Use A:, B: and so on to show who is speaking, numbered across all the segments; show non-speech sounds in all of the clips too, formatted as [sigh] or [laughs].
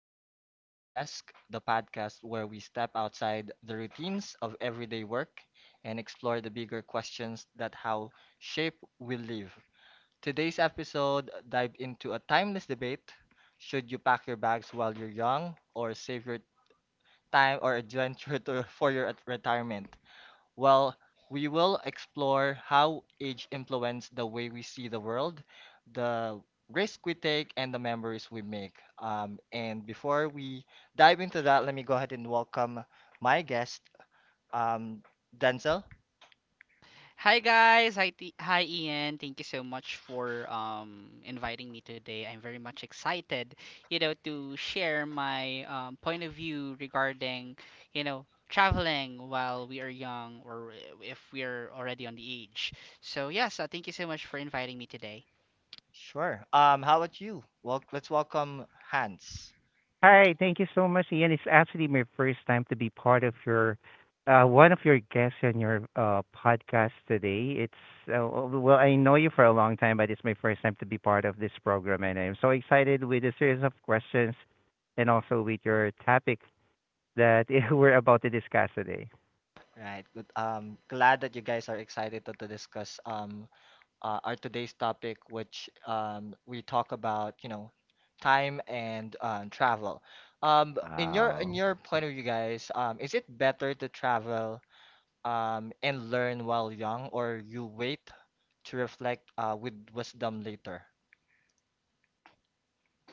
A: back to the Beyond the Desk, the podcast where we step outside the routines of everyday work and explore the bigger questions that how shape we live. Today's episode dive into a timeless debate. Should you pack your bags while you're young or save your time or adventure [laughs] to, for your retirement? Well, we will explore how age influences the way we see the world, the risk we take, and the memories we make. And before we dive into that, let me go ahead and welcome my guest, um, Denzel.
B: Hi guys, hi Ian. Thank you so much for inviting me today. I'm very much excited, you know, to share my point of view regarding, you know, traveling while we are young, or if we are already on the age. So yes, thank you so much for inviting me today.
A: Sure. How about you? Well, let's welcome Hans.
C: Hi, thank you so much, Ian. It's actually my first time to be part of your one of your guests on your podcast today. It's I know you for a long time, but it's my first time to be part of this program, and I'm so excited with the series of questions and also with your topic that [laughs] we're about to discuss today.
A: Right. Good. Glad that you guys are excited to discuss our today's topic, which we talk about, you know, time and travel. In your in
C: Wow.
A: your point of view, guys, is it better to travel and learn while young, or you wait to reflect with wisdom later?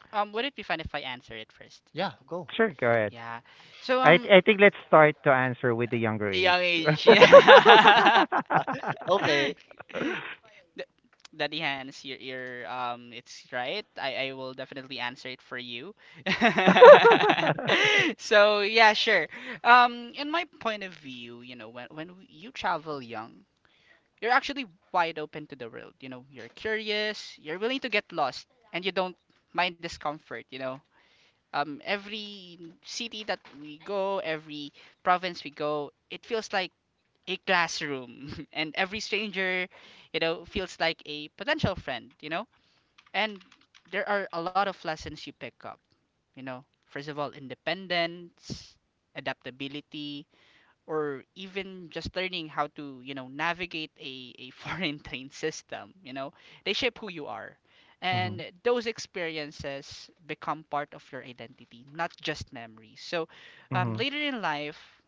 B: Would it be fine if I answer it first?
A: Yeah, go.
C: Sure, go ahead.
B: Yeah. So,
C: I I think let's start to answer with the younger age.
B: young
C: [laughs]
B: age. [laughs] Yeah.
C: [laughs]
A: Okay.
B: [laughs] D- Daddy Hans, your it's right. I will definitely answer it for you. [laughs] So yeah, sure. In my point of view, you know, when you travel young, you're actually wide open to the world. You know, you're curious, you're willing to get lost, and you don't mind discomfort. You know, every city that we go, every province we go, it feels like a classroom, [laughs] and every stranger, you know, feels like a potential friend, you know. And there are a lot of lessons you pick up, you know: first of all, independence, adaptability, or even just learning how to, you know, navigate a [laughs] foreign train system, you know. They shape who you are, and
C: Mhm,
B: those experiences become part of your identity, not just memories. So,
C: mhm.
B: later in life,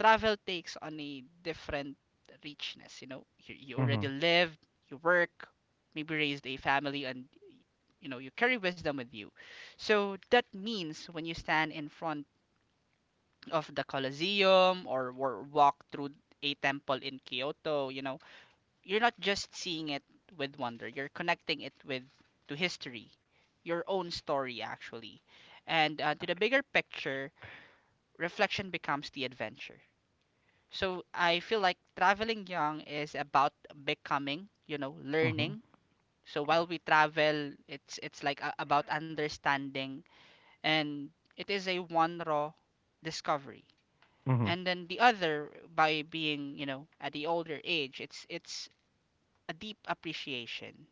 B: travel takes on a different richness. You know, you
C: Mhm.
B: already live, you work, maybe raised a family, and you know you carry wisdom with you. So that means when you stand in front of the Colosseum, or walk through a temple in Kyoto, you know, you're not just seeing it with wonder. You're connecting it with, to history, your own story, actually. And to the
C: Ask.
B: bigger picture, reflection becomes the adventure. So I feel like traveling young is about becoming, you know,
C: Mhm.
B: learning. So while we travel, it's like about understanding, and it is a one raw discovery.
C: Mhm.
B: And then the other, by being, you know, at the older age, it's a deep appreciation.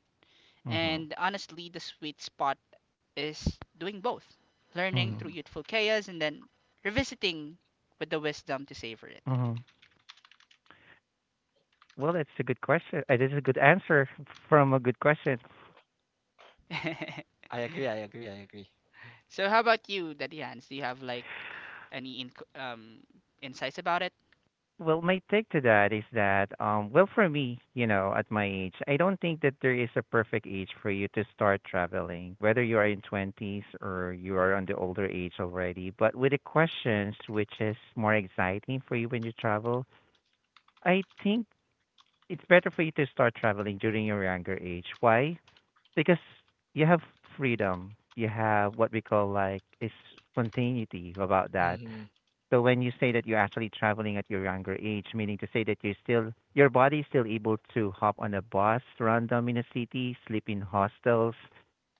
C: Mhm.
B: And honestly, the sweet spot is doing both: learning
C: Mhm.
B: through
A: Hmm.
B: youthful chaos, and then revisiting with the wisdom to savor
C: Mhm. Well, that's a good question. That is a good answer from a good question.
B: it.
A: I
B: [laughs]
A: agree. I agree. I agree.
B: So how about you, Daddy Hans? Do you have like any in insights about it?
C: Well, my take to that is that, for me, you know, at my age, I don't think that there is a perfect age for you to start traveling, whether you are in 20s or you are on the older age already. But with the questions, which is more exciting for you when you travel, I think it's better for you to start traveling during your younger age. Why? Because you have freedom. You have what we call like is spontaneity about that.
A: Hmm.
C: So when you say that you're actually traveling at your younger age, meaning to say that you're still your body's still able to hop on a bus, random in a city, sleep in hostels,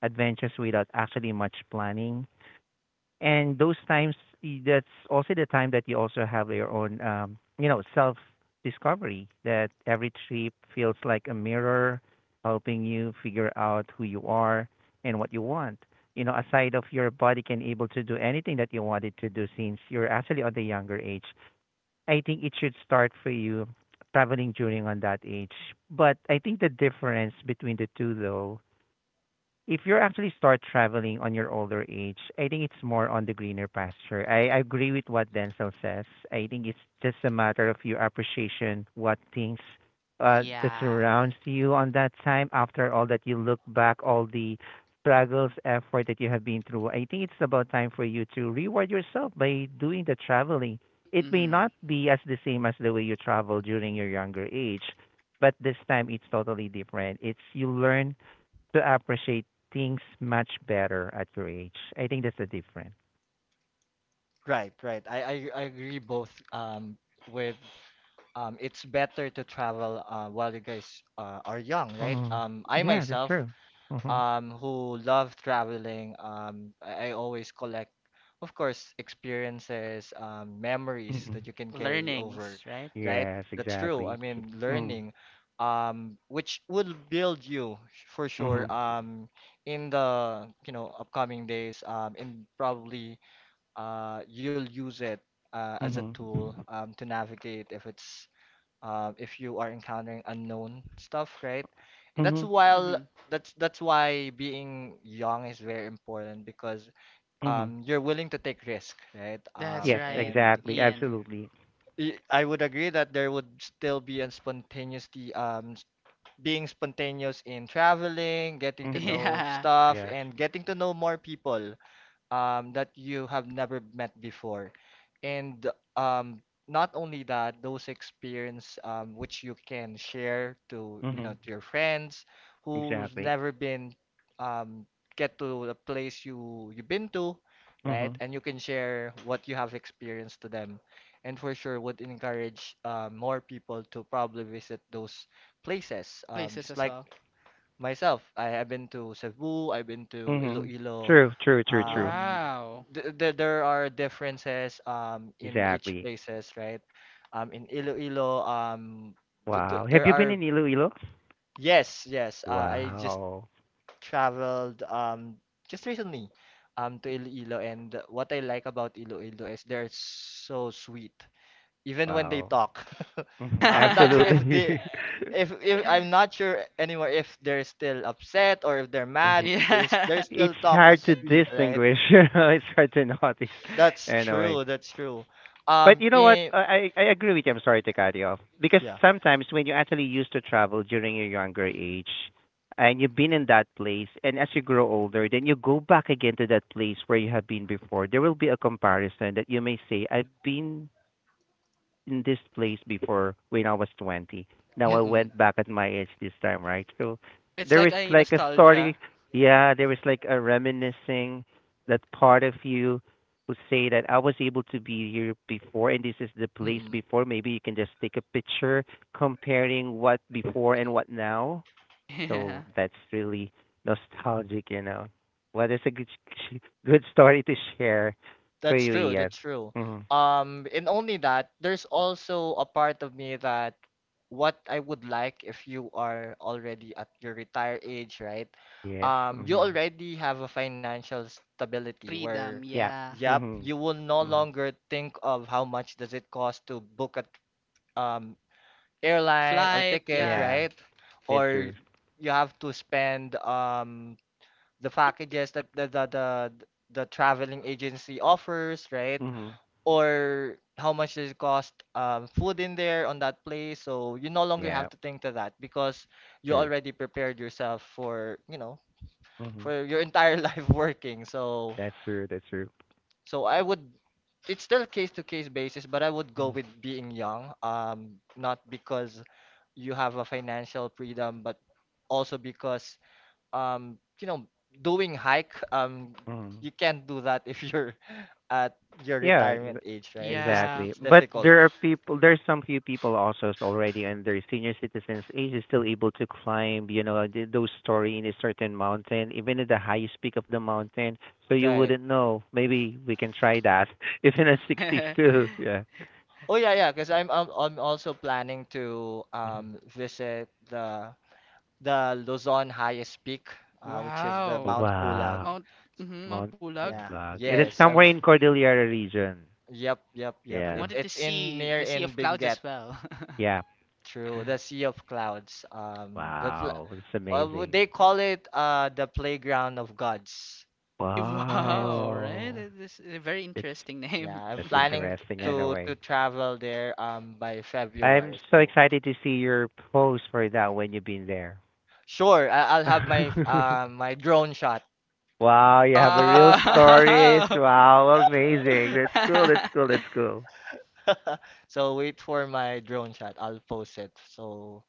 C: adventures without actually much planning, and those times that's also the time that you also have your own you know self discovery, that every trip feels like a mirror helping you figure out who you are and what you want, you know, aside of your body can able to do anything that you wanted to do. Since you're actually on the younger age, I think it should start for you traveling during on that age. But I think the difference between the two, though, if you actually start traveling on your older age, I think it's more on the greener pasture. I agree with what Denzel says. I think it's just a matter of your appreciation what things that
B: Yeah.
C: surrounds you on that time. After all that, you look back all the struggles, effort that you have been through. I think it's about time for you to reward yourself by doing the traveling. It may
B: Mm-hmm.
C: not be as the same as the way you travel during your younger age, but this time it's totally different. It's you learn to appreciate things much better at your age. I think that's the difference.
A: Right. Right. I agree both. With it's better to travel while you guys are young, right?
C: Mm.
A: I
C: Yeah, that's
A: myself
C: true. Mm-hmm.
A: who love traveling. I always collect, of course, experiences, memories
C: Mm-mm.
A: that you can carry
B: Learnings,
A: over,
B: right?
A: right?
C: Yes,
A: That's true. I
C: exactly.
A: mean,
C: Mm.
A: learning, which will build you for sure,
C: Mhm.
A: in the, you know, upcoming days, and probably, you'll use it, as a
C: Mhm.
A: tool, to navigate if it's if you are encountering unknown stuff, right? And
C: Mhm.
B: Mm-hmm.
A: that's why being young is very important because
C: Mhm.
A: you're willing to take risk, right?
B: That's
A: Um,
C: Yes,
B: right,
A: and
C: exactly.
B: Ian. [laughs]
C: Absolutely.
A: y- I would agree that there would still be a spontaneity, being spontaneous in traveling, getting to
C: Mhm.
A: know
B: Yeah.
A: stuff,
C: Yes.
A: and getting to know more people, that you have never met before. And um, not only that, those experience which you can share to, you know,
C: Mhm.
A: to your friends who's
C: Exactly.
A: never been um, get to the place you you've been to, right?
C: Mhm.
A: And you can share what you have experienced to them. And for sure would encourage more people to probably visit those places.
B: Places
A: Just
B: as
A: like
B: well.
A: myself. I have been to Cebu, I've been to
C: Mhm.
A: Iloilo.
C: True, true, true, true.
A: Um,
B: Wow.
A: th th there are differences in each
C: Exactly.
A: places, right? In Iloilo, th th
C: Wow. Have
A: there
C: you been
A: are
C: in Iloilo?
A: yes, yes. I just
C: Wow.
A: traveled just recently to Iloilo, and what I like about Iloilo is they're so sweet, even when they
C: Wow.
A: talk. [laughs]
C: Mhm.
A: I'm not sure if
B: [laughs]
A: they
C: Absolutely.
A: if I'm not sure anymore if they're still upset or if they're
C: [laughs] hmm
A: mad, there's
B: Yeah.
A: there's
C: it's
A: still talk as
C: hard to
A: sweet, right?
C: distinguish. [laughs] It's hard to notice
A: That's
C: anyway.
A: true, that's true.
C: But you know what?
A: In
C: I agree with you. I'm sorry to cut you off, because
A: yeah.
C: sometimes when you actually used to travel during your younger age, and you've been in that place, and as you grow older, then you go back again to that place where you have been before, there will be a comparison that you may say, "I've been in this place before when I was 20. Now
B: It,
C: I
A: Mm-mm,
C: went back at my age this time, right?" So
B: it's
C: there
B: like
C: is
B: a
C: like a
B: nostalgia.
C: story. Yeah, there is like a reminiscing, that part of you who say that I was able to be here before and this is the place
A: mm-mm.
C: before. Maybe you can just take a picture comparing what before and what now.
B: [laughs] Yeah.
C: So that's really nostalgic, you know. Well, that's a good [laughs] good story to share for
A: That's
C: you,
A: true,
C: Ian.
A: that's true.
C: Hmm
A: And only that, there's also a part of me that what I would like if you are already at your retire age, right?
C: Yes.
A: You
C: hmm
A: already have a financial stability
B: Freedom,
A: where,
C: Yeah.
B: yeah.
A: yep,
C: Mhm.
A: you will no
C: Mhm.
A: longer think of how much does it cost to book a um airline or
B: Flight,
A: ticket,
B: yeah.
C: Yeah.
A: right?
C: That's
A: Or
C: true.
A: you have to spend the packages that the traveling agency offers, right?
C: Mhm.
A: Or how much does it cost food in there on that place. So you no longer
C: Yeah.
A: have to think to that because you
C: True.
A: already prepared yourself for, you know,
C: Mhm.
A: for your entire [laughs] life working. So
C: That's true. That's true.
A: so I would it's still case to case basis, but I would go
C: Mhm.
A: with being young. Not because you have a financial freedom, but also because you know, doing hike,
C: Mhm.
A: you can't do that if you're [laughs] at your
C: Yeah.
A: retirement age, right? Because
B: Yeah.
C: Exactly.
A: it's
C: But
A: difficult.
C: there are people. There's some few people also is already under senior citizens age is still able to climb. You know those story in a certain mountain, even at the highest peak of the mountain. So you
A: Right.
C: wouldn't know. Maybe we can try that. [laughs] Even at 62. Yeah.
B: [laughs]
A: Oh yeah, yeah. Because I'm also planning to
C: Mhm.
A: visit the Luzon highest peak, which is the
B: Wow.
A: Mount Pulag.
C: Wow.
B: Mount mhm, Mount
C: Mount
B: Bulag.
A: Yeah.
C: Pulag.
B: Hmm.
C: It is
A: Yes.
C: somewhere in Cordillera region.
A: Yep. Yep. Yep.
B: I
C: Yeah.
A: It's
B: wanted to
A: it's in
B: see
A: near
B: the Sea of
A: in
B: Clouds as
A: Benguet
B: well.
C: Yeah.
A: through the
B: [laughs]
A: Sea of Clouds.
C: Wow. That's
A: Would
C: amazing.
A: they call it the playground of gods. Right.
B: Wow, right?
C: Wow.
B: That is a very
C: It's
B: interesting name.
A: Yeah. I'm
C: that's
B: [laughs]
A: planning
C: interesting
A: to
C: anyway.
A: travel there by
C: I'm
A: February.
C: so
A: So
C: excited to see your post for that when you've been there.
A: sure, I'll have my
C: [laughs]
A: my drone shot.
C: Wow, you have a real
B: Wow.
C: stories.
B: [laughs]
C: Wow, amazing. That's cool, that's cool,
B: [laughs]
C: that's cool.
A: So wait for my drone shot. I'll post it so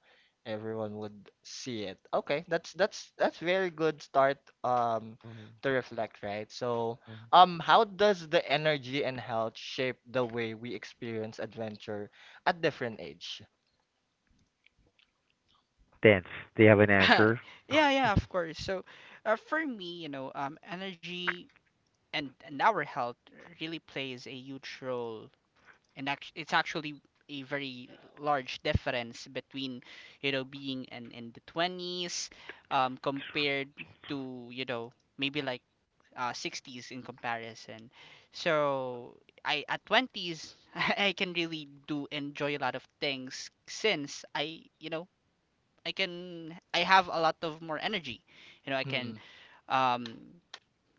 A: everyone would see it. Okay, that's very good start um
C: Mm-hmm.
A: to reflect, right? So
C: Mm-hmm.
A: how does the energy and health shape the way we experience adventure at different age?
C: Dance. Do you have an answer?
B: Yeah, yeah, of course. So, for me, you know, energy and our health really plays a huge role, it's actually a very large difference between, you know, being in the 20s, compared to, you know, maybe like 60s in comparison. So, I, at 20s, [laughs] I can really do enjoy a lot of things, since I, you know, I have a lot of more energy, you know, I can,
A: Mm-mm,
B: um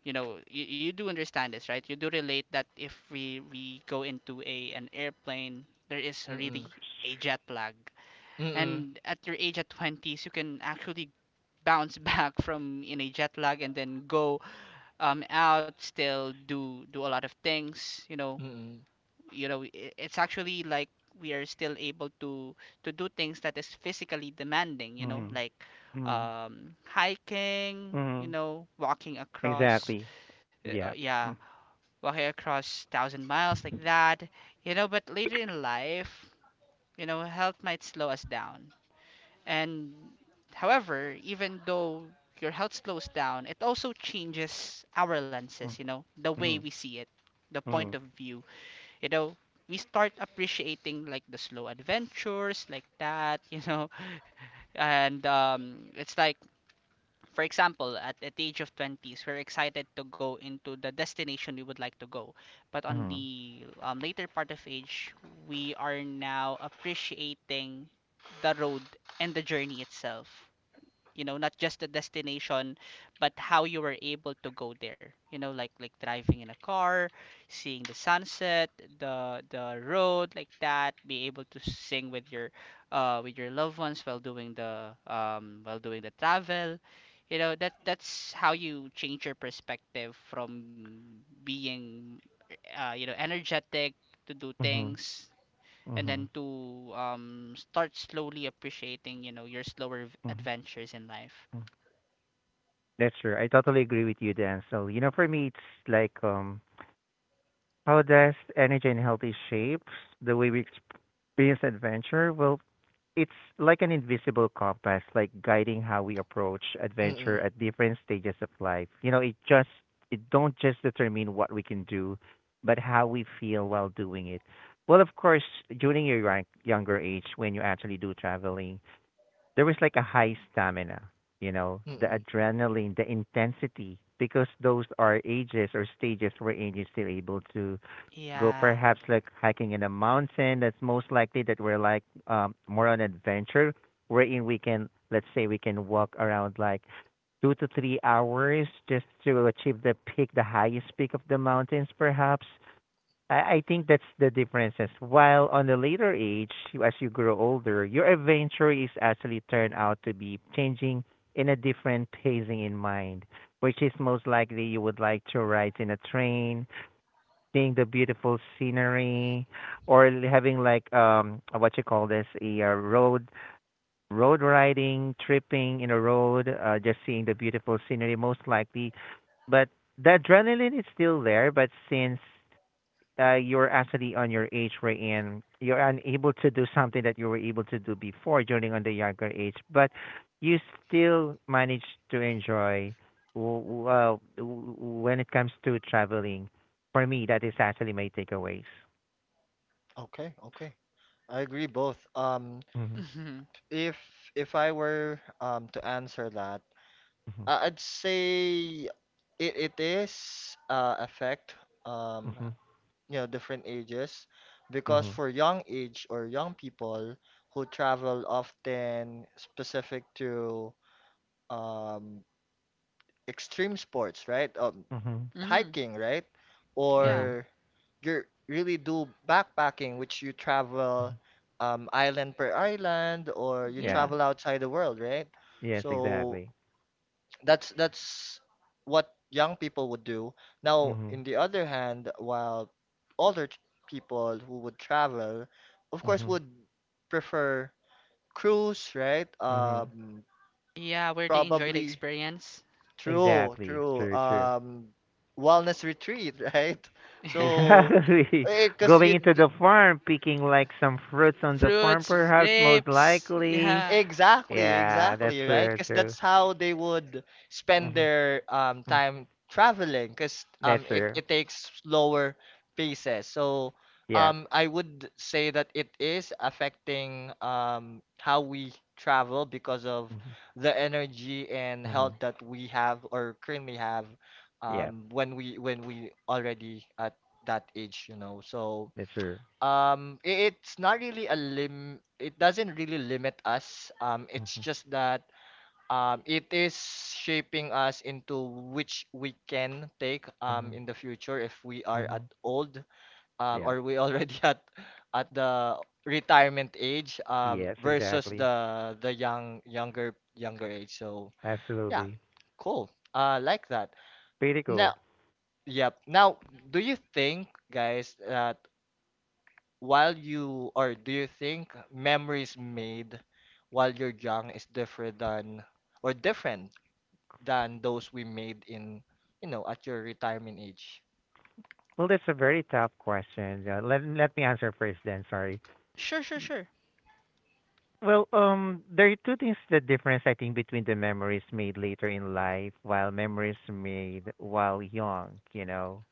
B: you know, you do understand this, right? You do relate that if we go into a an airplane, there is really
A: mm-mm,
B: a jet lag,
A: mm-mm,
B: and at your age at 20s, you can actually bounce [laughs] back from, in a jet lag, and then go, out, still do a lot of things, you know.
A: mm-mm,
B: You know, it's actually like we are still able to do things that is physically demanding, you know,
C: Mm-hmm.
B: like,
C: Mm-hmm.
B: hiking, you
C: Mm-hmm.
B: know, walking across,
C: Exactly.
B: uh, uh,
C: Yeah.
B: yeah thousand miles, like that, you know. But later in life, you know, health might slow us down. And however, even though your health slows down, it also changes our lenses,
C: Mm-hmm.
B: you know, the way
C: Mm-hmm.
B: we see it, the point
C: Mhm.
B: of view. You know, we start appreciating like the slow adventures, like that, [laughs] you know. And it's like, for example, at the age of 20s, we're excited to go into the destination we would like to go. But on
C: Mhm.
B: the, later part of age, we are now appreciating the road and the journey itself, you know, not just the destination, but how you were able to go there, you know, like driving in a car, seeing the sunset, the road, like that, be able to sing with your loved ones while doing the travel, you know. That that's how you change your perspective from being, you know, energetic to do
C: Mhm.
B: things, and
C: Mhm.
B: then to, start slowly appreciating, you know, your slower
C: Mhm.
B: adventures in life.
C: Mhm. That's true. I totally agree with you, Dan. So, you know, for me, it's like how does energy and healthy shapes the way we experience adventure? Well, it's like an invisible compass, like guiding how we approach
A: mm-mm,
C: adventure at different stages of life. You know, it just it don't just determine what we can do, but how we feel while doing it. Well, of course, during your younger age, when you actually do traveling, there was like a high stamina, you know, the
A: mm-mm.
C: adrenaline, the intensity, because those are ages or stages wherein you're still able to go
B: Yeah.
C: perhaps like hiking in a mountain. That's most likely that we're like more on adventure, wherein we can, let's say, we can walk around like 2 to 3 hours just to achieve the peak, the highest peak of the mountains, perhaps. I think that's the differences. While on the later age, as you grow older, your adventure is actually turned out to be changing in a different pacing in mind, which is most likely you would like to ride in a train, seeing the beautiful scenery, or having like what you call this a road riding, tripping in a road, just seeing the beautiful scenery most likely. But the adrenaline is still there, but since you're actually on your age wherein you're unable to do something that you were able to do before during on the younger age, but you still manage to enjoy w- when it comes to traveling. For me, that is actually my takeaways.
A: Okay, okay. I agree both. Um,
C: Mhm,
B: Mhm.
A: if I were to answer that,
C: mhm,
A: I'd say it is affect um,
C: mhm,
A: you know different ages because
C: mhm,
A: for young age or young people who travel often specific to um, extreme sports, right?
C: mhm,
B: Mhm.
A: Hiking, right?
B: Yeah.
C: mhm,
A: Or you really do backpacking, which you
C: mhm.
A: travel island per island, or you
C: Yeah.
B: Yeah.
A: travel outside the world, right?
C: Yes.
A: So
C: Exactly.
A: that's what young people would do. Now,
C: Mhm.
A: in the other hand, while older t- people who would travel, of course,
C: Mhm.
A: would prefer cruise, right?
C: Mhm.
B: Yeah, where they enjoy the
A: Probably
B: experience.
A: true,
C: Exactly.
A: true.
C: True. True.
A: Wellness retreat, [laughs] right?
B: [laughs] Yeah.
A: So,
C: Exactly. [laughs]
A: because
C: Going into
A: you
C: the farm, picking like some fruits on the farm,
B: Fruits,
C: perhaps most
B: grapes,
C: likely.
B: yeah.
A: exactly,
C: Yeah, that's
A: exactly, right?
C: true.
A: Because
C: True.
A: that's how they would spend
C: Mm-hmm.
A: their
C: Mm-hmm.
A: time traveling, because
C: That's true.
A: it takes slower paces. So
C: Yeah.
A: I would say that it is affecting how we travel because of
C: Mm-hmm.
A: the energy and
C: hmm
A: health that we have or currently have
C: Yeah,
A: when we already at that age, you know. So
C: that's true.
A: it's not really a lim. It doesn't really limit us. It's
C: Mm-hmm.
A: just that it is shaping us into which we can take
C: hmm
A: in the future if we are
C: hmm
A: at old
C: Yeah.
A: or we already [laughs] at the retirement age
C: Yes,
A: versus
C: exactly.
A: the young younger age. So yeah,
C: Absolutely.
A: cool. Like that.
C: Pretty cool.
A: Now, yep. Now, do you think, guys, that while you or do you think memories made while you're young is different than or different than those we made in you know at your retirement age?
C: Well, that's a very tough question. Let me answer first then. Sorry.
B: Sure, sure, sure.
C: Well, there are two things the difference I think between the memories made later in life while memories made while young, you know.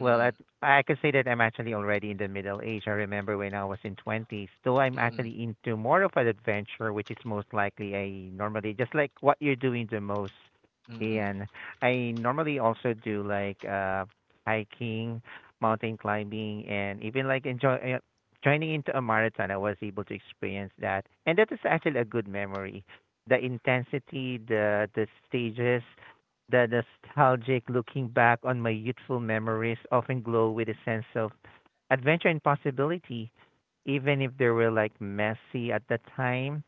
C: Well, I can say that I'm actually already in the middle age. I remember when I was in twenties. Though I'm
A: mm-mm,
C: actually into more of an adventure, which is most likely I normally just like what you're doing the most,
A: mm-mm.
C: Ian. I normally also do like hiking, mountain climbing, and even like enjoy joining into a marathon. I was able to experience that, and that is actually a good memory. The intensity, the stages, the nostalgic looking back on my youthful memories often glow with a sense of adventure and possibility, even if they were like messy at the time.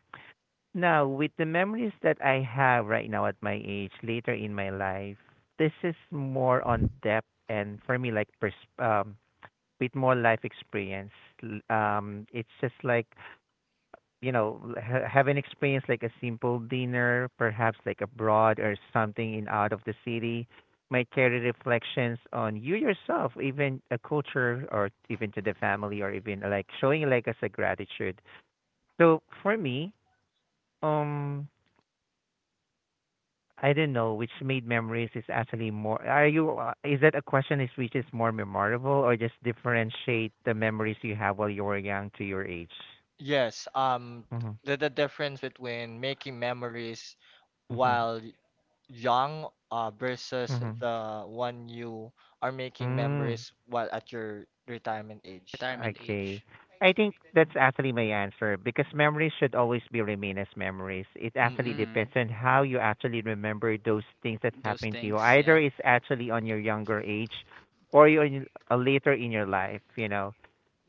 C: Now, with the memories that I have right now at my age, later in my life, this is more on depth and for me, like with more life experience. It's just like, you know, have an experience like a simple dinner, perhaps like abroad or something in out of the city, might carry reflections on you yourself, even a culture or even to the family or even like showing like as a gratitude. So for me, um, I don't know which made memories is actually more. Are you? Is that a question? Is which is more memorable or just differentiate the memories you have while you were young to your age?
A: Yes,
C: Mm-hmm.
A: the difference between making memories
C: Mm-hmm.
A: while young versus
C: Mm-hmm.
A: the one you are making
C: Mm.
A: memories while at your retirement age.
B: Retirement
C: Okay.
B: age.
C: I think that's actually my answer, because memories should always be remain as memories. It actually
A: Mm-mm.
C: depends
B: Mhm.
C: on how you actually remember those things that
B: Those
C: happened to you.
B: things,
C: Either
B: yeah.
C: it's actually on your younger age or you're in, later in your life, you know.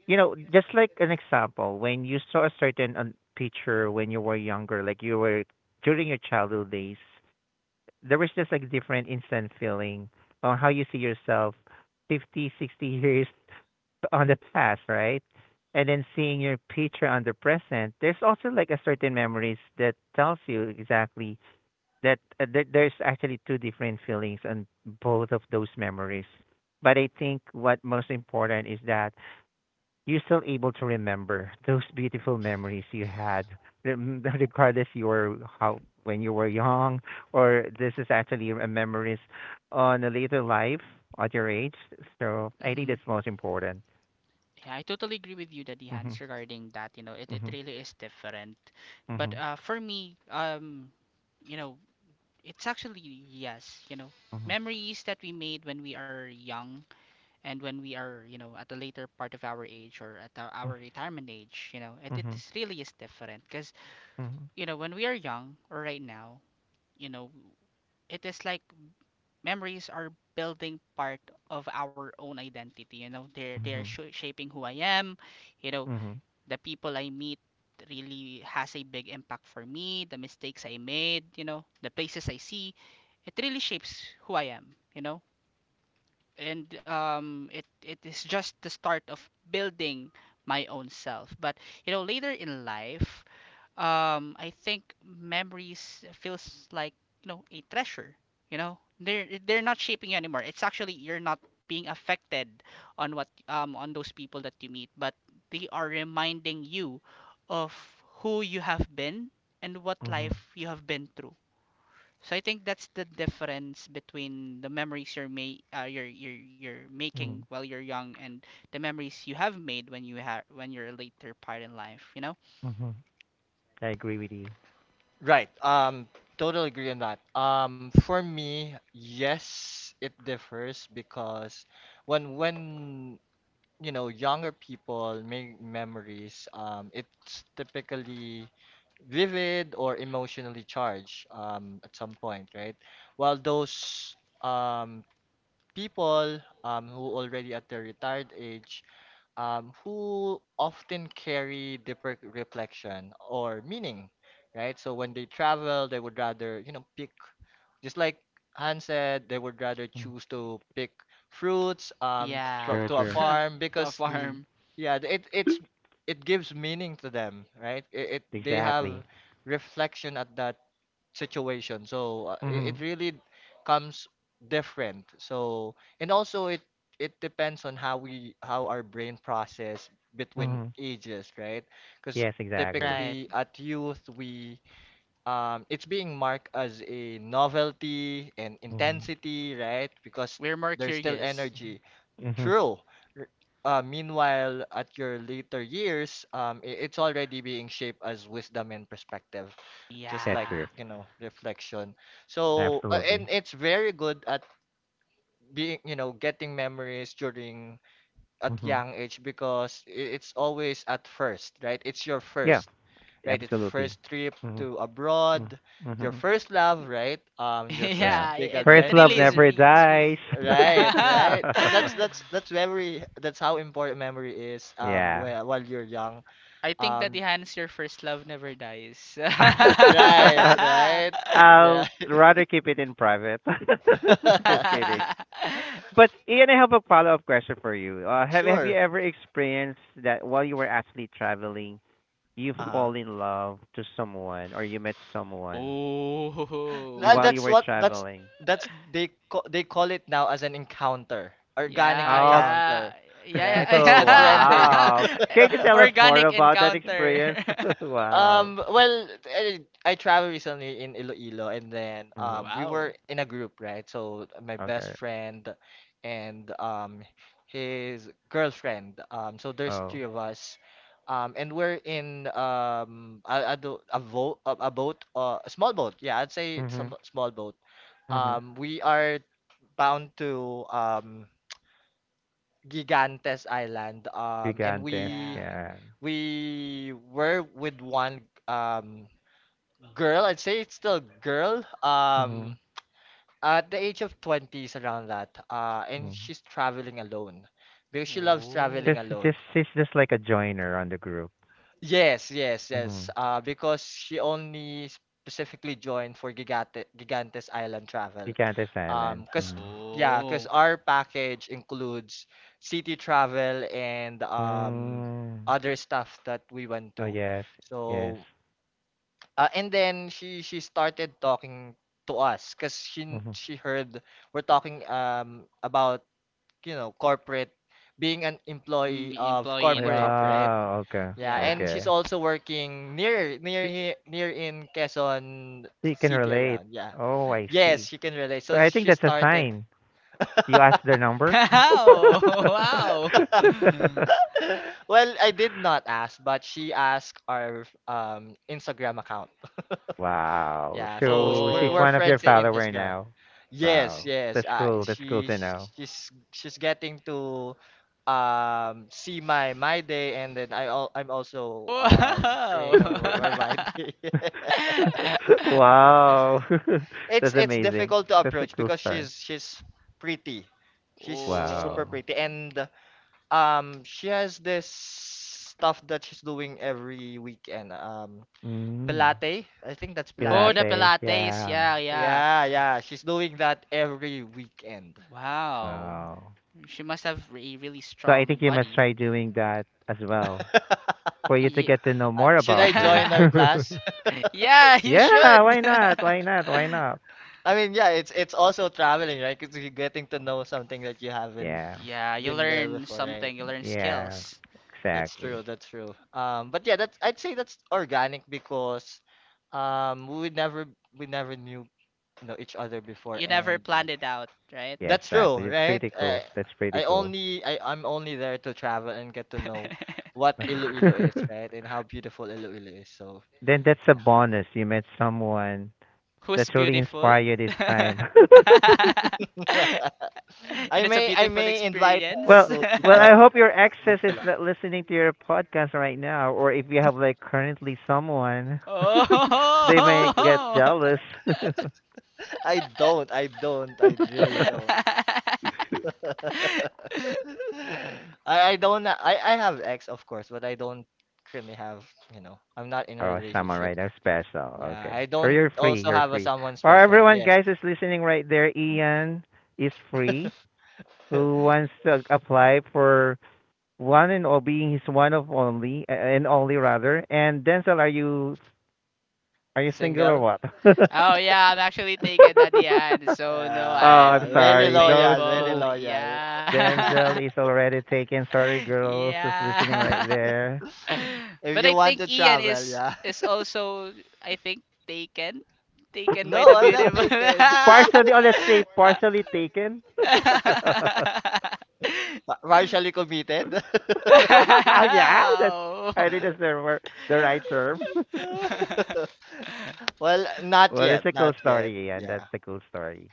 C: You know, just like an example, when you saw a certain picture when you were younger, like you were during your childhood days, there was just like different instant feeling on how you see yourself 50, 60 [laughs] years on the past, right? And then seeing your picture on the present, there's also like a certain memories that tells you exactly that there there's actually two different feelings on both of those memories. But I think what most important is that you're still able to remember those beautiful memories you had, [laughs] regardless you were how when you were young, or this is actually a memories on a later life at your age. So I think
B: Mhm.
C: that's most important.
B: Yeah, I totally agree with you, Daddy
C: Hmm.
B: Hans, regarding that. You know, it
C: Mhm,
B: really is different. But,
C: mhm,
B: for me, you know, it's actually, yes, you know,
C: mhm,
B: memories that we made when we are young and when we are, you know, at the later part of our age, or at our,
C: mhm,
B: our retirement age, you know, it
C: mhm,
B: is really is different. Because,
C: mhm,
B: you know, when we are young, or right now, you know, it is like memories are building part of our own identity, you know. they're, they're
C: mhm,
B: sh- shaping who I am, you know,
C: mhm,
B: the people I meet really has a big impact for me, the mistakes I made, you know, the places I see, it really shapes who I am, you know. And it is just the start of building my own self. But you know, later in life, I think memories feels like, you know, a treasure. You know, they're not shaping you anymore. It's actually you're not being affected on those people that you meet, but they are reminding you of who you have been and what
C: mhm,
B: life you have been through. So I think that's the difference between the memories you're making
C: mhm,
B: while you're young, and the memories you have made when you have when you're later part in life, you know?
C: mhm. I agree with you.
A: Right. Totally agree on that. For me, yes, it differs because when you know younger people make memories, it's typically vivid or emotionally charged at some point, right? While those um, people who already at their retired age who often carry deeper reflection or meaning, right? So when they travel, they would rather, you know, pick, just like Han said, they would rather
C: Mhm.
A: choose to pick fruits
B: Yeah.
A: to a
C: True.
A: farm
B: [laughs] To a
A: because
C: Mhm.
B: farm.
A: yeah, it it's it gives meaning to them, right? It they have
C: Exactly.
A: reflection at that situation. So it
C: Mhm,
A: really comes different. So and also it depends on how we how our brain process between
C: mhm.
A: ages, right? Because
C: Yes, exactly.
B: Right.
A: typically at youth we it's being marked as a novelty and
C: Mhm,
A: intensity, right? Because
B: We're more
A: there's still
B: curious.
A: energy.
C: mhm.
A: True. R- Meanwhile, at your later years, it's already being shaped as wisdom and perspective, just
C: That's
A: like,
B: Yeah.
C: true.
A: you know, reflection. So,
C: Absolutely.
A: and it's very good at being, you know, getting memories during at
C: Mhm.
A: young age because it's always at first, right? It's your
C: Yeah,
A: first, right? It's
C: absolutely.
A: first trip
C: Mhm,
A: to
C: mhm,
A: abroad, your
C: mhm.
A: first love, right?
B: [laughs]
A: Your first
C: Yeah.
B: Yeah,
A: big
B: it
C: First love
B: really is
A: adventure.
C: never
B: sweet.
C: dies. [laughs]
B: [laughs]
A: Right,
B: I
A: right. So that's memory. That's how important memory is.
C: Yeah.
A: While you're young.
B: think that the
A: Um,
B: hands your first love never dies. [laughs]
A: right,
C: [laughs]
A: right, yeah.
C: I'll rather keep it in private. [laughs] Just kidding.
A: [laughs]
C: But
B: [laughs]
C: Ian, I have a follow-up question for you. Have Have you
A: Sure.
C: ever experienced that while you were actually traveling, you
A: Uh-huh.
C: fall in love to someone or you met someone
A: Tha-
B: Oh.
C: while
B: [laughs]
C: you
A: That's
C: were
A: what
C: traveling?
A: that's they they call it now as an encounter, organic
B: Yeah,
C: Oh,
B: yeah.
A: encounter, right?
B: Yeah,
C: [laughs]
A: That's the
C: oh,
A: trending.
B: yeah.
C: wow!
B: [laughs]
C: Can you
B: Yeah.
C: tell us more
B: Organic
C: about that
B: encounter.
C: experience? [laughs]
B: [laughs]
C: Wow.
A: Well, I traveled recently in Iloilo, and then
C: Mhm.
A: we
B: Wow.
A: were in a group, right? So my best
C: Okay.
A: friend and his girlfriend. So there's three
C: Oh.
A: of us. And we're in a, do- a, vo- a boat, a small boat. Yeah, I'd say it's a
C: Mhm.
A: small boat.
C: Mhm.
A: We are bound to Gigantes Island. And
C: Gigantes.
B: Yeah.
A: we
C: Yeah.
A: we were with one. Um, Girl, I'd say it's still girl.
C: Mhm.
A: At the age of 20s, around that. And
C: Mhm.
A: she's traveling alone because she loves
B: Oh.
C: 'Cause
A: traveling
C: it's
A: alone.
C: just she's just like a joiner on the group.
A: Yes, yes, yes.
C: Mhm.
A: Because she only specifically joined for Gigantes Island travel.
C: Picante Silent.
A: Cause
C: Mhm.
A: yeah, cause
B: Oh.
A: our package includes city travel and
C: Mm.
A: other stuff that we went
C: Oh,
A: to.
C: yes. Yes.
A: So And then she started talking to us because
C: Mhm.
A: she heard we're talking about you know corporate being an
B: Mm,
A: employee
B: be
A: of
B: employee in a
A: corporate,
B: corporate.
A: right?
C: Yeah. Okay.
A: Yeah,
B: Yeah.
A: and she's
C: Okay.
A: also working near near
C: Y-
A: here near in Quezon
C: You can
A: City
C: relate.
A: around. Yeah.
C: Oh, I
A: Yes,
C: see.
A: she can relate.
C: But
A: So
C: I think
A: she
C: that's a
A: started. [laughs]
C: sign. You asked their
B: [laughs]
C: number?
B: Wow. Wow.
C: [laughs]
A: Well, I did not ask, but she asked our Instagram account.
C: Wow.
A: Yeah, so
C: So she's
A: we're
B: Oh.
C: one of your
A: friends in
C: follower
A: Instagram.
C: now.
A: Yes,
C: Wow.
A: yes.
C: That's cool. That's cool to know.
A: She's getting to see my my day and then I'm also
B: Wow.
A: seeing her, her
C: [laughs]
A: my day. [laughs]
C: [laughs] Wow. [laughs]
A: It's
C: That's
A: it's
C: amazing.
A: difficult to
C: That's a
A: approach
C: cool
A: because
C: story.
A: she's
B: [laughs]
A: pretty. She's
B: Oh,
A: super
C: Wow.
A: pretty, and she has this stuff that she's doing every weekend.
C: Mm.
A: Pilate, I think that's
B: oh,
A: Pilate.
B: the
C: Pilate,
B: Pilates.
C: yeah.
B: Yeah, yeah.
A: Yeah, yeah, she's doing that every weekend.
B: Wow.
C: Wow.
B: She must have a really
C: So I
B: strong
C: think you must
B: body.
C: try doing that as well
A: [laughs]
C: for you to
B: Ye-
C: get to know more
A: Should I
C: about her.
A: join
B: [laughs]
A: our class? [laughs]
B: yeah,
C: [laughs]
B: you
C: Yeah,
B: should.
C: why not? Why not? Why not?
B: [laughs]
A: I mean, yeah, it's also traveling, right? Because you're getting to know something that you haven't
C: Yeah.
B: Yeah, you
A: been there
B: learn
A: before,
B: something,
A: right?
B: you learn
C: Yeah.
B: skills.
A: That's true.
C: Exactly.
A: That's true. But yeah, that's I'd say that's organic because um we never we never knew each other before,
B: You never
A: and
B: planned it out, right?
C: Yeah,
A: that's true,
C: exactly. That's
A: right?
C: pretty cool. That's pretty
A: I
C: cool.
A: only I I'm only there to travel and get to know
C: [laughs]
A: what
B: [laughs]
A: Iloilo is,
C: Then
A: right? And how beautiful Iloilo is. So
C: that's a
A: yeah,
C: bonus. You met someone
B: Who's
C: that truly inspire
B: beautiful.
C: you this time.
B: [laughs]
C: [laughs]
A: [laughs] I
B: And it's a
A: may I
B: beautiful
A: may invite her
B: experience.
C: Well,
B: [laughs]
A: to
C: well,
A: join
C: I hope your
A: the
C: exes is not listening to your podcast right now, or if you have like currently someone, [laughs] they may get jealous. [laughs]
A: I
B: Oh.
A: don't. I don't. I really don't.
B: [laughs]
A: [laughs] I don't. I have ex, of course, but I don't currently have, you know, I'm not in a
C: Oh, someone
A: relationship.
C: right now special.
A: Yeah,
C: Okay,
A: I
C: so
A: don't
C: you're free.
A: also
C: You're
A: have a
C: free.
A: someone
C: Or
A: special.
C: everyone,
A: Yes.
C: guys, is listening right there. Ian is free. Who
A: [laughs]
C: wants to apply for one and all being his one of only and only rather? And Denzel, are you are you single or
A: Single?
C: what?
B: Oh yeah, I'm actually taken at the end,
C: [laughs] Oh,
B: so no,
C: I'm
B: I'm not
A: Very
C: sorry. Those
A: loyal, very
B: available.
C: who
A: loyal.
B: Yeah.
C: Denzel
B: [laughs]
C: is already taken. Sorry, girls who's listening
B: Yeah.
C: right
B: [laughs]
C: there.
A: [laughs] If
B: But I
A: you want to
B: think Ian
A: travel,
B: is
A: yeah.
B: is
A: [laughs]
B: also, I think, taken by
A: No,
B: the
A: I'm not
B: beautiful. [laughs]
C: [laughs]
A: taken. [laughs]
C: Partially, oh, let's say partially taken. [laughs] Oh,
A: Partially committed?
C: yeah, that's I think that's the right term. [laughs]
B: Wow. [laughs]
A: [laughs] Well, not
C: Well, that's a
A: yet,
C: cool
A: not yet.
C: story, and that's
A: Yeah.
C: a cool story.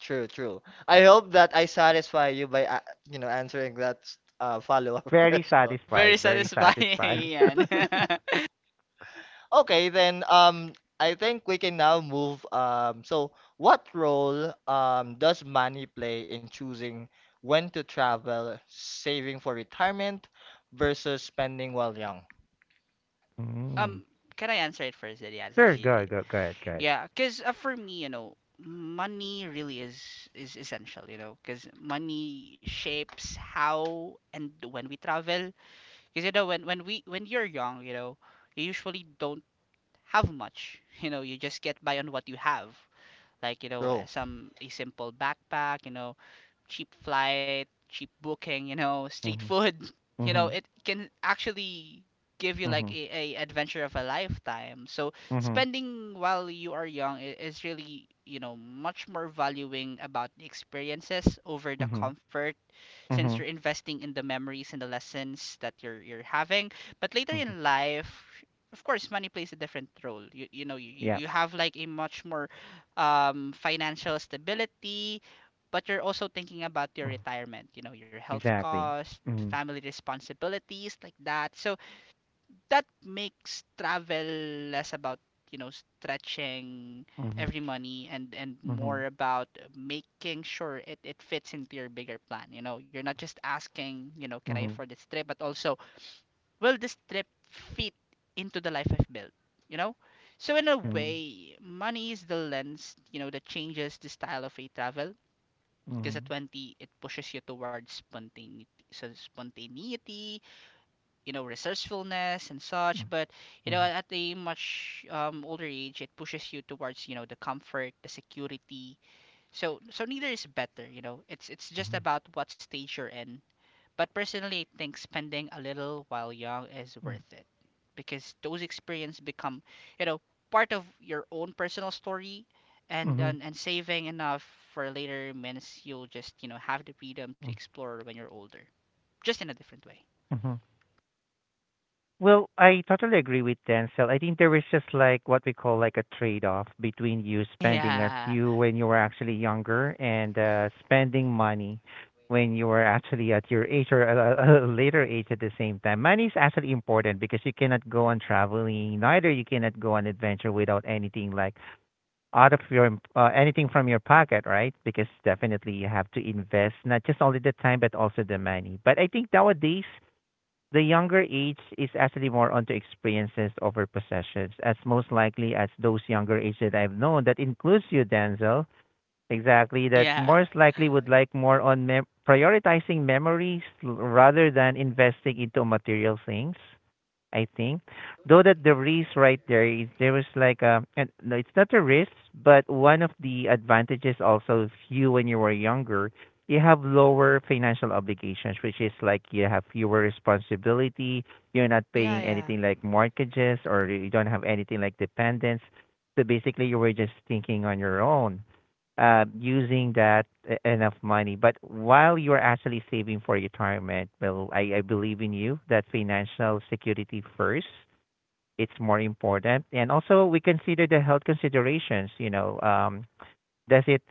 A: True, true. I hope that I satisfy you by answering that follow-up [laughs]
C: Very
A: question.
B: Very
C: satisfied. Very
B: satisfying, [laughs]
C: satisfied.
B: Ian. [laughs]
C: [laughs]
A: Okay, then I think we can now move so what role does money play in choosing when to travel, saving for retirement versus spending while young?
C: Mm.
B: um, can I answer it first? Then yeah, it's like,
C: Sure,
B: y- y-
C: go go ahead, go ahead.
B: yeah. Cause, for me, you know, money really is essential. You know, cause money shapes how and when we travel. Cause you know, when we when you're young, you know, you usually don't have much. You know, you just get by on what you have. Like, you know,
A: Bro,
B: some a simple backpack. You know, cheap flight, cheap booking, you know, street
C: Mm-hmm.
B: food. [laughs] You know,
C: Mm-hmm.
B: it can actually give you like
C: Mhm.
B: a adventure of a lifetime. So
C: Mhm.
B: spending while you are young is really, you know, much more valuing about the experiences over the
C: Mhm.
B: comfort, since you're
C: Mhm.
B: investing in the memories and the lessons that you're having. But later
C: Mhm.
B: in life, of course, money plays a different role. You know, you,
C: Yeah.
B: you have like a much more, financial stability, but you're also thinking about your
C: Mhm.
B: retirement, you know, your health
C: Exactly.
B: cost,
C: Mhm.
B: family responsibilities, like that. So that makes travel less about, you know, stretching
C: Mhm.
B: every money, and
C: Mhm.
B: more about making sure it fits into your bigger plan. You know, you're not just asking, you know, can I afford
C: Mhm.
B: this trip, but also, will this trip fit into the life I've built? You know? So in a
C: Mhm.
B: way, money is the lens, you know, that changes the style of a travel, because at
C: Mhm.
B: 20, it pushes you towards spontaneity, you know, resourcefulness and such. But you know,
C: Mhm.
B: at a much, older age, it pushes you towards, you know, the comfort, the security. So neither is better. It's just
C: Mhm.
B: about what stage you're in, but personally, I think spending a little while young is worth it because those experiences become, you know, part of your own personal story,
C: Mhm.
B: and
C: Mhm.
B: saving enough for later means you'll just have the freedom to
C: Mhm.
B: explore when you're older, just in a different way.
C: Mhm. Well, I totally agree with Denzel. I think there is just like what we call like a trade-off between you spending as
B: Yeah,
C: you when you were actually younger and spending money when you were actually at your age or a, [laughs] a later age at the same time. Money is actually important because you cannot go on traveling, neither you cannot go on adventure without anything like out of your anything from your pocket, right? Because definitely you have to invest not just only the time but also the money. But I think nowadays the younger age is actually more onto experiences over possessions, as most likely as those younger age that I've known, that includes you, Denzel, exactly, that
B: yeah,
C: most likely would like more on prioritizing memories rather than investing into material things. I think. Though that the risk right there is there was like a and no, it's not a risk, but one of the advantages also of you when you were younger, you have lower financial obligations, which is like you have fewer responsibility, you're not
B: yeah,
C: paying
B: yeah,
C: anything like mortgages or you don't have anything like dependents. So basically you were just thinking on your own using that enough money. But while you're actually saving for retirement, well, I believe in you that financial security first. It's more important, and also we consider the health considerations. You know, does it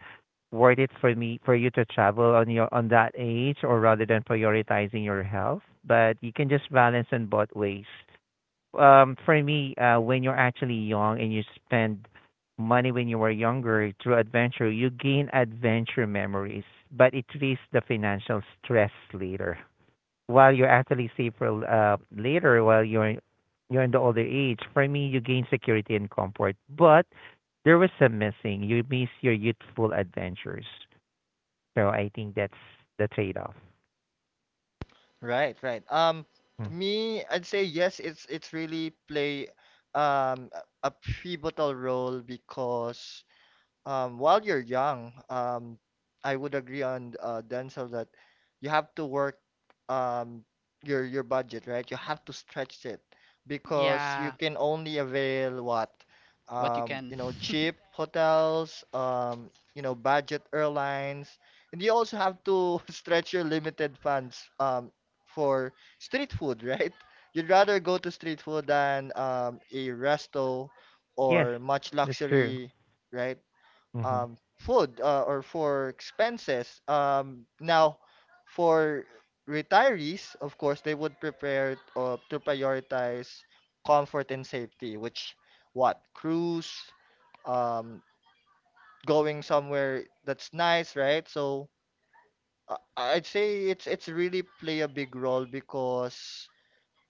C: worth it for me for you to travel on your on that age, or rather than prioritizing your health? But you can just balance in both ways for me when you're actually young and you spend money when you were younger through adventure you gain adventure memories but it raises the financial stress later while you're actually safer later while you're in the older age for me you gain security and comfort but there was some missing you miss your youthful adventures so I think that's the trade off.
A: right, right. Me, I'd say yes, it's really play a pivotal role because while you're young, I would agree on Denzel that you have to work um, your budget, right? You have to stretch it because you
B: yeah.
A: can only avail what
B: What you can.
A: you know cheap hotels, you know budget airlines, and you also have to [laughs] stretch your limited funds for street food, [laughs] right? You'd rather go to street food than a resto
C: Yes,
A: or much
C: that's true.
A: luxury, right?
C: Hmm.
A: Food or for expenses. Now, for retirees, of course, they would prepare to prioritize comfort and safety, which what cruise, um, going somewhere that's nice, right? So I'd say it's really play a big role because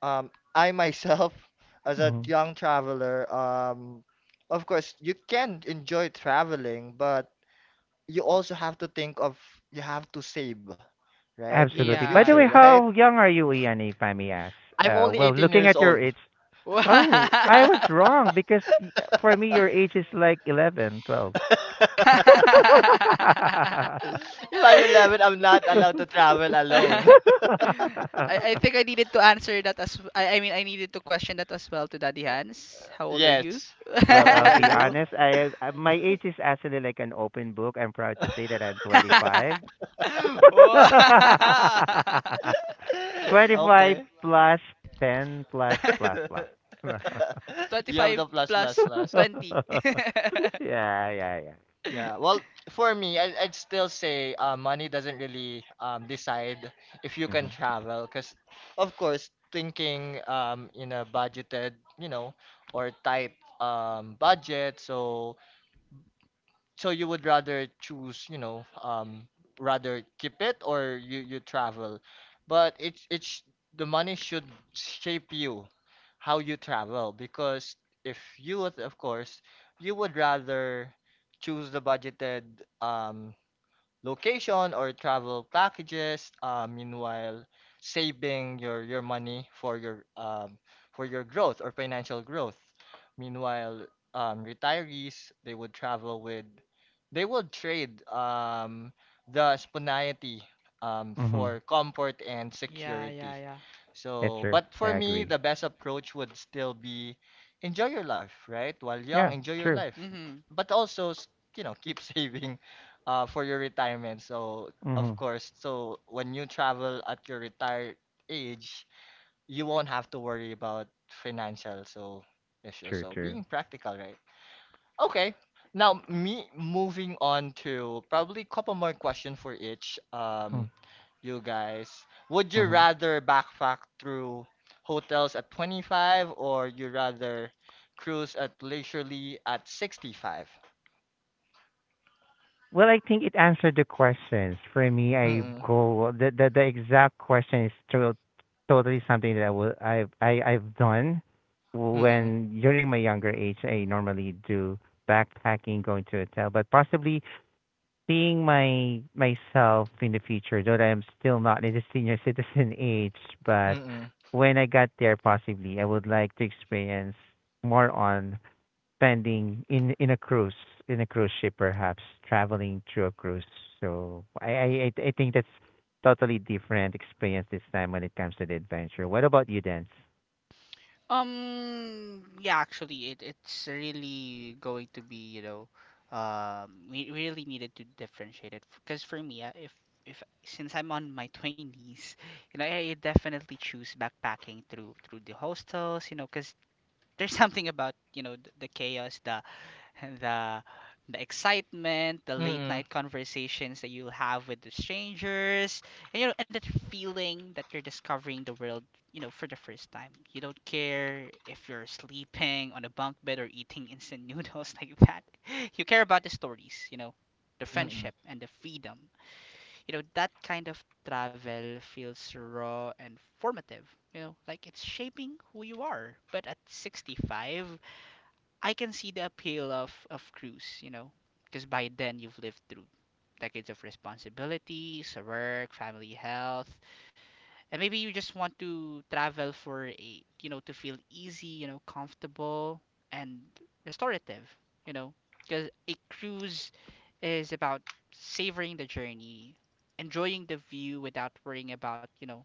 A: I myself, [laughs] as a
C: Hmm.
A: young traveler, of course, you can enjoy traveling, but you also have to think of you have to save, right?
B: [laughs]
A: In the
C: Absolutely. By the
A: future,
C: way,
A: [laughs]
B: Yeah.
A: right?
C: how young are you, Ian, if I may ask?
A: I'm only
C: Well,
A: 18
C: looking
A: years
C: at your
A: old.
C: age,
B: Y-
C: oh, I was
B: [laughs]
C: wrong because for me, your age is like 11, 12.
B: [laughs]
A: [laughs]
B: I,
A: If I'm 11, I'm not allowed to travel
C: [laughs]
A: alone. [laughs]
B: I think I needed to answer that as I mean I needed to question that as well to Daddy Hans. How old are you?
A: Yes.
B: [laughs]
A: How
C: Well,
A: old
C: I'll
A: are
C: be
A: you?
C: honest. I my age is actually like an open book. I'm proud to say that I'm 25.
B: Wow. [laughs]
C: [laughs]
A: [laughs]
C: 25
A: Okay.
C: plus 10 plus plus plus.
A: [laughs]
C: [laughs]
A: You have
B: 25
A: the plus plus
B: plus
A: plus.
B: 20. [laughs]
C: [laughs] Yeah, yeah, yeah.
A: Yeah, well, for me, I'd still say money doesn't really decide if you can
C: Mhm.
A: travel, because of course, thinking in a budgeted, you know, or tight budget, so you would rather choose, you know, rather keep it or you travel, but it's the money should shape you, how you travel because if you would, of course, you would rather choose the budgeted um location or travel packages, meanwhile saving your money for your growth or financial growth. Meanwhile, retirees they would trade the spontaneity
C: Mhm.
A: for comfort and
B: Yeah, yeah,
A: security.
B: yeah.
C: That's
A: So,
C: true.
A: but
C: I
A: for me,
C: agree.
A: the best approach would still be enjoy your life, right? While young,
C: Yeah,
A: enjoy your
C: true.
A: life,
B: Mm-hmm.
A: but also you know keep [laughs] saving for your retirement. So, of
C: Mhm.
A: course, so when you travel at your retired age, you won't have to worry about financial issues.
C: True,
A: So,
C: true.
A: being practical, right? Okay. Now, me moving on to probably couple more questions for each you guys. Would you
C: Mhm.
A: rather backpack through hotels at 25 or you rather cruise at leisurely at 65?
C: Well, I think it answered the questions. For me, I
A: Mm-mm,
C: go the exact question is to, totally something that I will I I've done
A: mm-mm,
C: when during my younger age. I normally do backpacking, going to a hotel, but possibly seeing my myself in the future, though I am still not in the senior citizen [laughs] age, but
A: mm-mm,
C: when I got there, possibly I would like to experience more on spending in a cruise ship, perhaps traveling through a cruise. So I think that's totally different experience this time when it comes to the adventure. What about you, Dance?
B: Yeah, actually, it's really going to be, you know, we really needed to differentiate it because for me, if since I'm on my twenties, you know, I definitely choose backpacking through the hostels, you know, because there's [laughs] something about the chaos, the [laughs] the the excitement, the late
A: mm-mm,
B: night conversations that you'll have with the strangers, and you know, and that feeling that you're discovering the world, you know, for the first time. You don't care if you're sleeping on a bunk bed or eating instant noodles [laughs] like that. You care about the stories, you know, the
A: mm-mm.
B: friendship and the freedom. You know, that kind of travel feels raw and formative. You know, like it's shaping who you are. But at 65, I can see the appeal of cruise, you know, because by then you've lived through decades of responsibilities, work, family, health, and maybe you just want to travel for a, you know, to feel easy, you know, comfortable and restorative, you know, because a cruise is about savoring the journey, enjoying the view without worrying about, you know,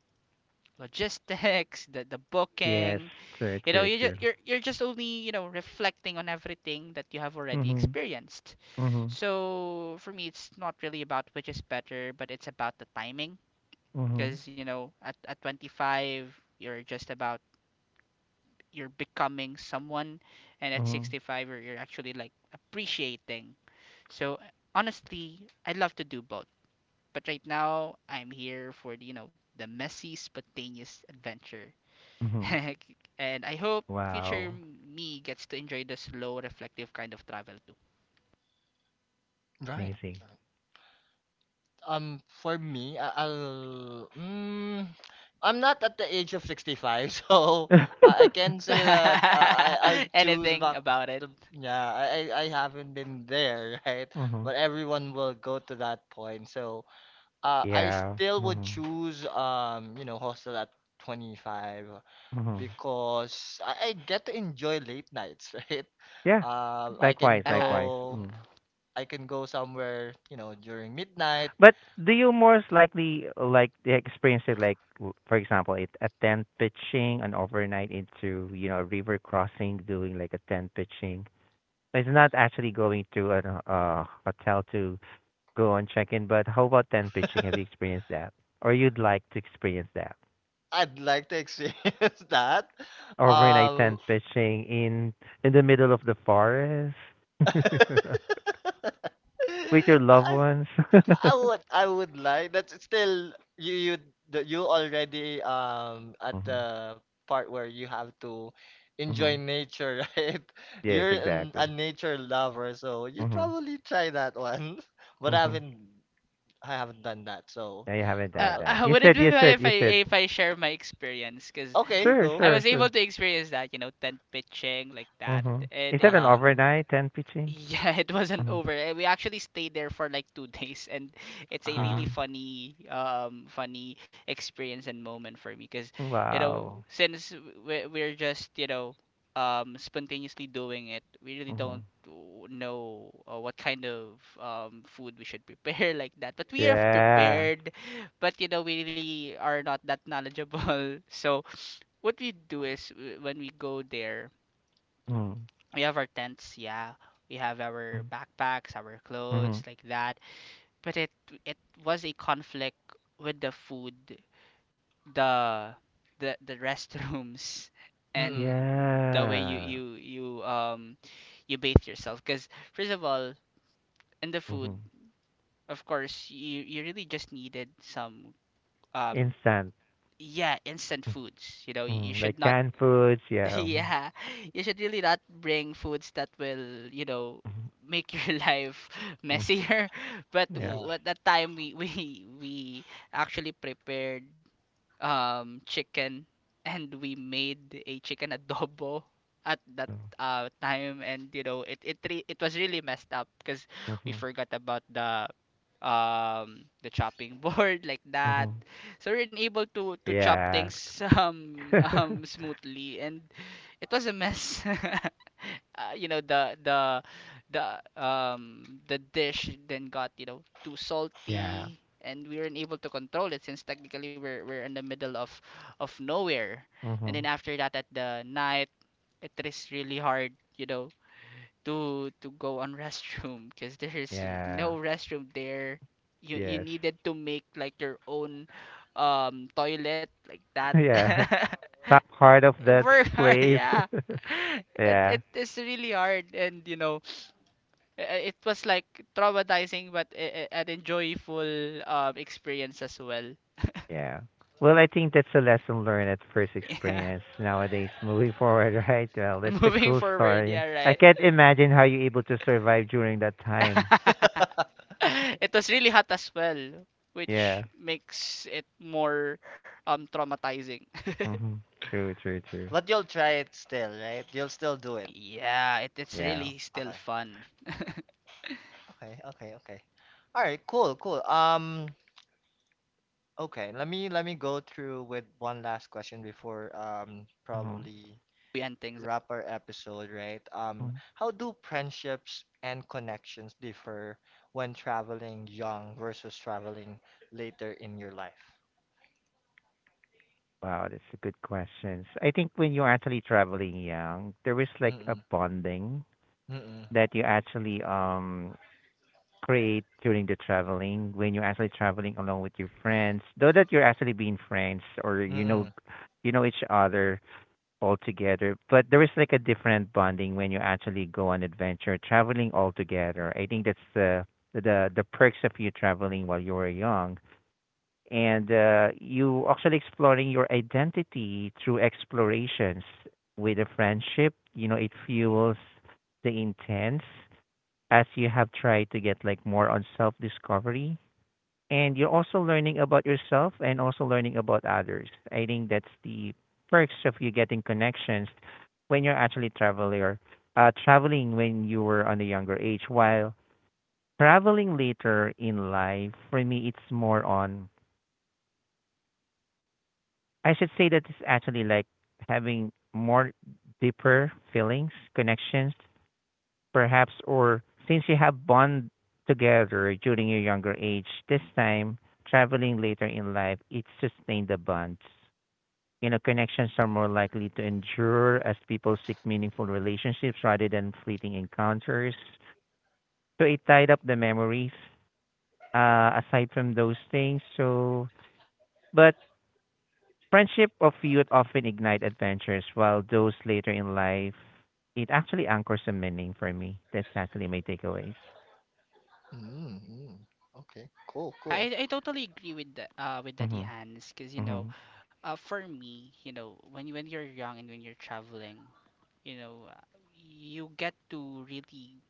B: logistics, [laughs] the
C: Yes,
B: booking,
C: true,
B: you know,
C: true, true.
B: you're just only reflecting on everything that you have already
C: Mhm.
B: experienced.
C: Mhm.
B: So for me, it's not really about which is better, but it's about the timing.
C: Mhm.
B: Because you know, at 25, you're just about you're becoming someone, and at
C: Mhm.
B: 65, you're actually like appreciating. So honestly, I'd love to do both. But right now, I'm here for the, the messy, spontaneous adventure [laughs]
C: Mhm.
B: and I hope future
C: Wow,
B: me gets to enjoy the slow, reflective kind of travel too.
A: Right.
C: amazing.
A: Right. For me, I'll. Mm, I'm not at the age of 65, [laughs] so
C: [laughs]
A: I can
C: Mm-hmm.
A: say that I'll
B: [laughs]
A: choose
B: Anything
A: back
B: about it?
A: the
B: [laughs]
A: yeah, I haven't been there [laughs] right, but everyone will go to that point. So I
C: Yeah.
A: still would
C: Mm-hmm.
A: choose you know hostel at 25
C: Mm-hmm.
A: because I get to enjoy late nights [laughs] right.
C: Yeah.
A: I can
C: Likewise,
B: Uh-huh.
C: likewise.
A: go.
C: Mm.
A: I can go somewhere, you know, during midnight.
C: But do you most likely like the experience it like for example it a tent pitching an overnight into you know a river crossing doing like a tent pitching? It's not actually going to a hotel to go and check in, but how about tent pitching? Have you experienced that, or you'd like to experience that?
A: I'd like to experience [laughs] that.
C: Overnight
A: Um,
C: tent pitching in the middle of the forest [laughs]
A: [laughs]
C: with your loved
A: I,
C: ones.
A: I
C: [laughs]
A: would I would like that's still you you you already at
C: Mhm.
A: the part where you have to enjoy
C: Mhm.
A: nature, [laughs] right?
C: Yes,
A: You're a
C: exactly.
A: nature lover, so you
C: Mhm.
A: probably try that one. [laughs] But
C: Mhm.
A: I haven't done that, so
C: No, you haven't
A: uh,
C: done
A: uh,
C: that. You
B: Would it
C: said
B: be
C: you
B: fine if
C: said
B: I
C: you said
B: share my experience? Because
A: okay,
C: sure,
B: I
A: go.
B: was
C: sure,
B: able
C: sure.
B: to experience that, you know, tent pitching like that.
C: Mhm. Is
B: And
C: that an
B: it-
A: Uh-huh.
C: overnight tent pitching?
B: yeah, [laughs] it wasn't
C: Mhm.
B: over. Eh, we actually stayed there for like two [laughs] days, and it's a
A: Uh-huh.
B: really
C: Mhm.
B: funny, funny experience and moment for me because, you know,
C: Wow.
B: since we're just, you know, spontaneously doing it, we really don't
C: Mhm.
B: w- know what kind of food we should prepare [laughs] like that. But we are
C: Yeah.
B: prepared, but you know we really are not that knowledgeable, [laughs] so what we do is when we go there
C: Mhm.
B: we have our tents, yeah, we have our backpacks, our clothes
C: Mhm.
B: like that, but it was a conflict with the food, the the restrooms, [laughs] and
A: Mm-mm.
B: the way
C: Yeah.
B: you you bathe yourself because first of all, in the food,
C: Mhm.
B: of course, you really just needed some um
C: Instant.
B: yeah, instant foods. You know, you
C: Mm,
B: should
C: like
B: not,
C: canned foods,
B: [laughs]
C: yeah.
B: yeah, you should really not bring foods that will, you know,
C: Mhm.
B: make your [laughs] life
C: Mm.
B: messier. But
C: Yeah.
A: Yeah.
B: at that time, we actually prepared chicken and we made a chicken adobo at that
C: No.
B: time, and you know it was really messed up because we
C: Mhm.
B: forgot about the chopping [laughs] board like that,
C: Mhm.
B: so we we're unable to chop
C: Yeah.
B: things [laughs]
C: [laughs]
B: smoothly, and it was a mess. [laughs] You know the the um the dish then got, you know, too
C: Yeah.
B: salty, and we weren't able to control it since technically we're in the middle of nowhere. And then
C: Mhm.
B: after that, at the night, it is really hard, you know, to go on [laughs] restroom because there is
C: Yeah.
B: no restroom there. You
C: Yes.
B: needed to make like your own toilet like that.
C: [laughs] Yeah. Not part of
B: [laughs]
C: that
B: Work hard. [laughs]
C: place.
B: Yeah,
C: [laughs]
B: it,
C: Yeah.
B: it is really hard, and you know it was like traumatizing but an enjoyable experience as well. [laughs]
C: Yeah. Well, I think that's a lesson learned at first
B: Yeah.
C: experience nowadays moving forward, [laughs] right? Well, that's
B: [laughs]
C: a
B: Moving
C: cool
B: forward,
C: story.
B: yeah,
C: I
B: right.
C: can't imagine how you're able to survive during that time.
B: [laughs] It was really hot as well, which
C: Yeah.
B: makes it more traumatizing. [laughs]
C: Mhm. True, true, true.
A: But you'll try it still, right? You'll still do it.
B: Yeah, it's
C: Yeah.
B: really still
A: Okay.
B: fun. [laughs]
A: Okay. Okay. Okay. All right. Cool. Cool. Okay. Let me go through with one last question before
C: Mhm.
A: probably
B: We end things.
A: wrap our episode, right?
C: Mhm.
A: How do friendships and connections differ when traveling young versus traveling later in your life?
C: Wow, that's a good question. So, I think when you're actually traveling young, there is like a
A: Mm-mm.
C: bonding
A: Mm-mm.
C: that you actually create during the traveling when you're actually traveling along with your friends. Though that you're actually being friends or
A: Mm-mm.
C: you know each other all together, but there is like a different bonding when you actually go on adventure traveling all together. I think that's the perks of you traveling while you were young and you actually exploring your identity through explorations with a friendship you know it fuels the intense as you have tried to get like more on self discovery and you're also learning about yourself and also learning about others I think that's the perks of you getting connections when you're actually traveler traveling when you were on a younger age while traveling later in life for me it's more on I should say that it's actually like having more deeper feelings, connections, perhaps, or since you have bond together during your younger age, this time traveling later in life, it sustained the bonds. You know, connections are more likely to endure as people seek meaningful relationships rather than fleeting encounters. So it tied up the memories aside from those things. So, but Friendship of youth often ignite adventures, while those later in life, it actually anchors a meaning for me. That's actually my takeaways.
A: Mm-mm. Okay. Cool. Cool.
B: I totally agree with the, with Daddy
C: Mhm.
B: Hans because you know,
C: Mhm.
B: for me, you know, when when you're young and when you're traveling, you know, you get to really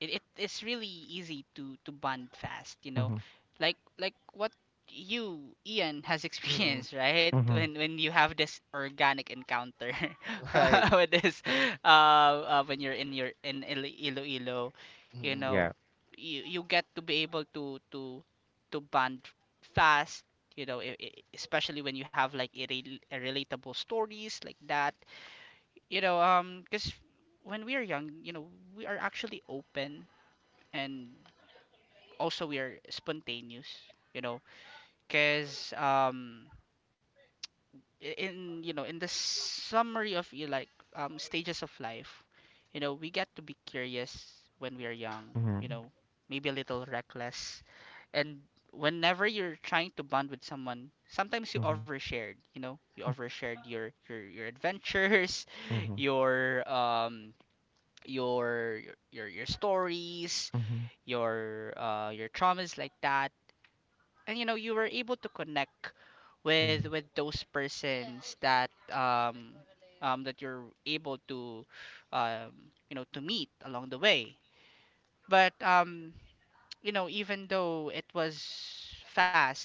B: it's really easy to bond fast, you know,
C: Mhm.
B: like what you Ian has [laughs]
A: Mm-mm.
B: experienced, right?
C: Mhm.
B: When you have this organic encounter
A: [laughs] Right.
B: [laughs] with this when you're in your in Iloilo, you
A: Mm-mm.
B: know,
C: Yeah.
B: you get to be able to bond fast, you know, especially when you have like a a relatable stories like that, you know. Because when we are young, you know, we are actually open, and also we are spontaneous, you know, because in you know in the summary of you, like stages of life, you know, we get to be curious when we are young, you
C: Mhm.
B: know, maybe a little reckless, and whenever you're trying to bond with someone, sometimes you
C: Mhm.
B: overshared, you know, you overshared your adventures, [laughs]
C: Mhm.
B: your your stories,
C: Mhm.
B: your traumas like that, and you know you were able to connect with those persons that that you're able to you know to meet along the way. But you know, even though it was fast,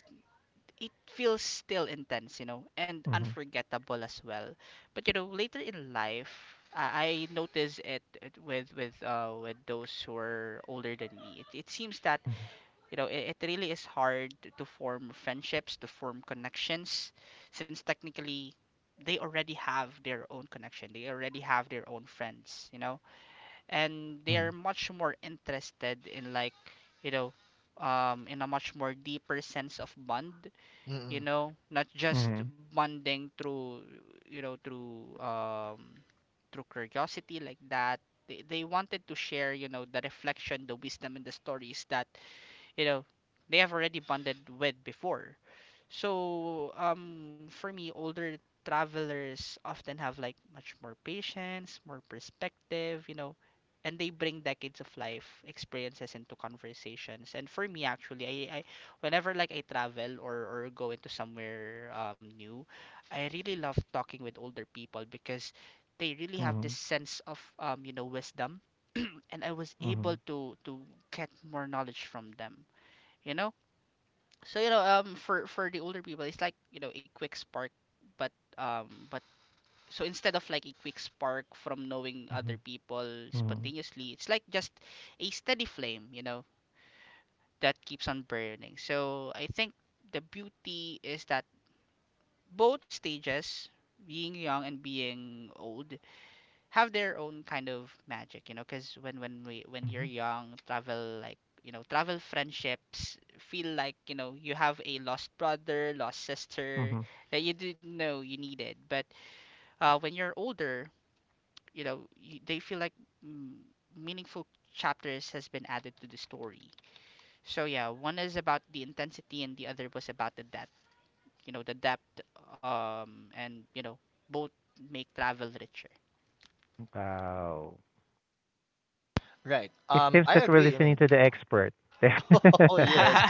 B: it feels still intense, you know, and
C: Mhm.
B: unforgettable as well. But you know, later in life, I noticed it with with those who are older than me. It seems that you know it really is hard to form friendships, to form connections, since technically they already have their own connection, they already have their own friends, you know,
C: Mhm. Mhm.
B: and they are much more interested in like, you know, in a much more deeper sense of bond, you
A: Mm-mm.
B: know, not
C: Mhm.
B: just bonding through through through curiosity like that. They wanted to share, you know, the reflection, the wisdom, and the stories that, you know, they have already bonded with before. So for me, older travelers often have like much more patience, more perspective, you know, and they bring decades of life experiences into conversations. And for me, actually, I whenever like I travel or go into somewhere new, I really love talking with older people because they
C: Mhm.
B: really
C: Mhm.
B: have this sense of you know, wisdom. [clears throat] And I was able to get more knowledge from them, you know. So you know, for the older people, it's like, you know, a quick spark. But but so instead of like a quick spark from knowing
C: Mhm.
B: other people
C: Mhm. Mhm.
B: spontaneously, it's like just a steady flame, you know, that keeps on burning. So I think the beauty is that both stages, being young and being old, have their own kind of magic, you know, because when we when you're young, travel like you know, travel friendships feel like, you know, you have a lost brother, lost sister
C: Mhm.
B: that you didn't know you needed. But when you're older, you know, they feel like, mm, meaningful chapters has been added to the story. So yeah, one is about the intensity and the other was about the depth. You know, the depth, and you know, both make travel richer.
C: Wow.
A: Right.
C: It seems
A: I
C: that we're
A: agree. I
C: listening
A: mean,
C: to the expert.
A: [laughs] oh yes,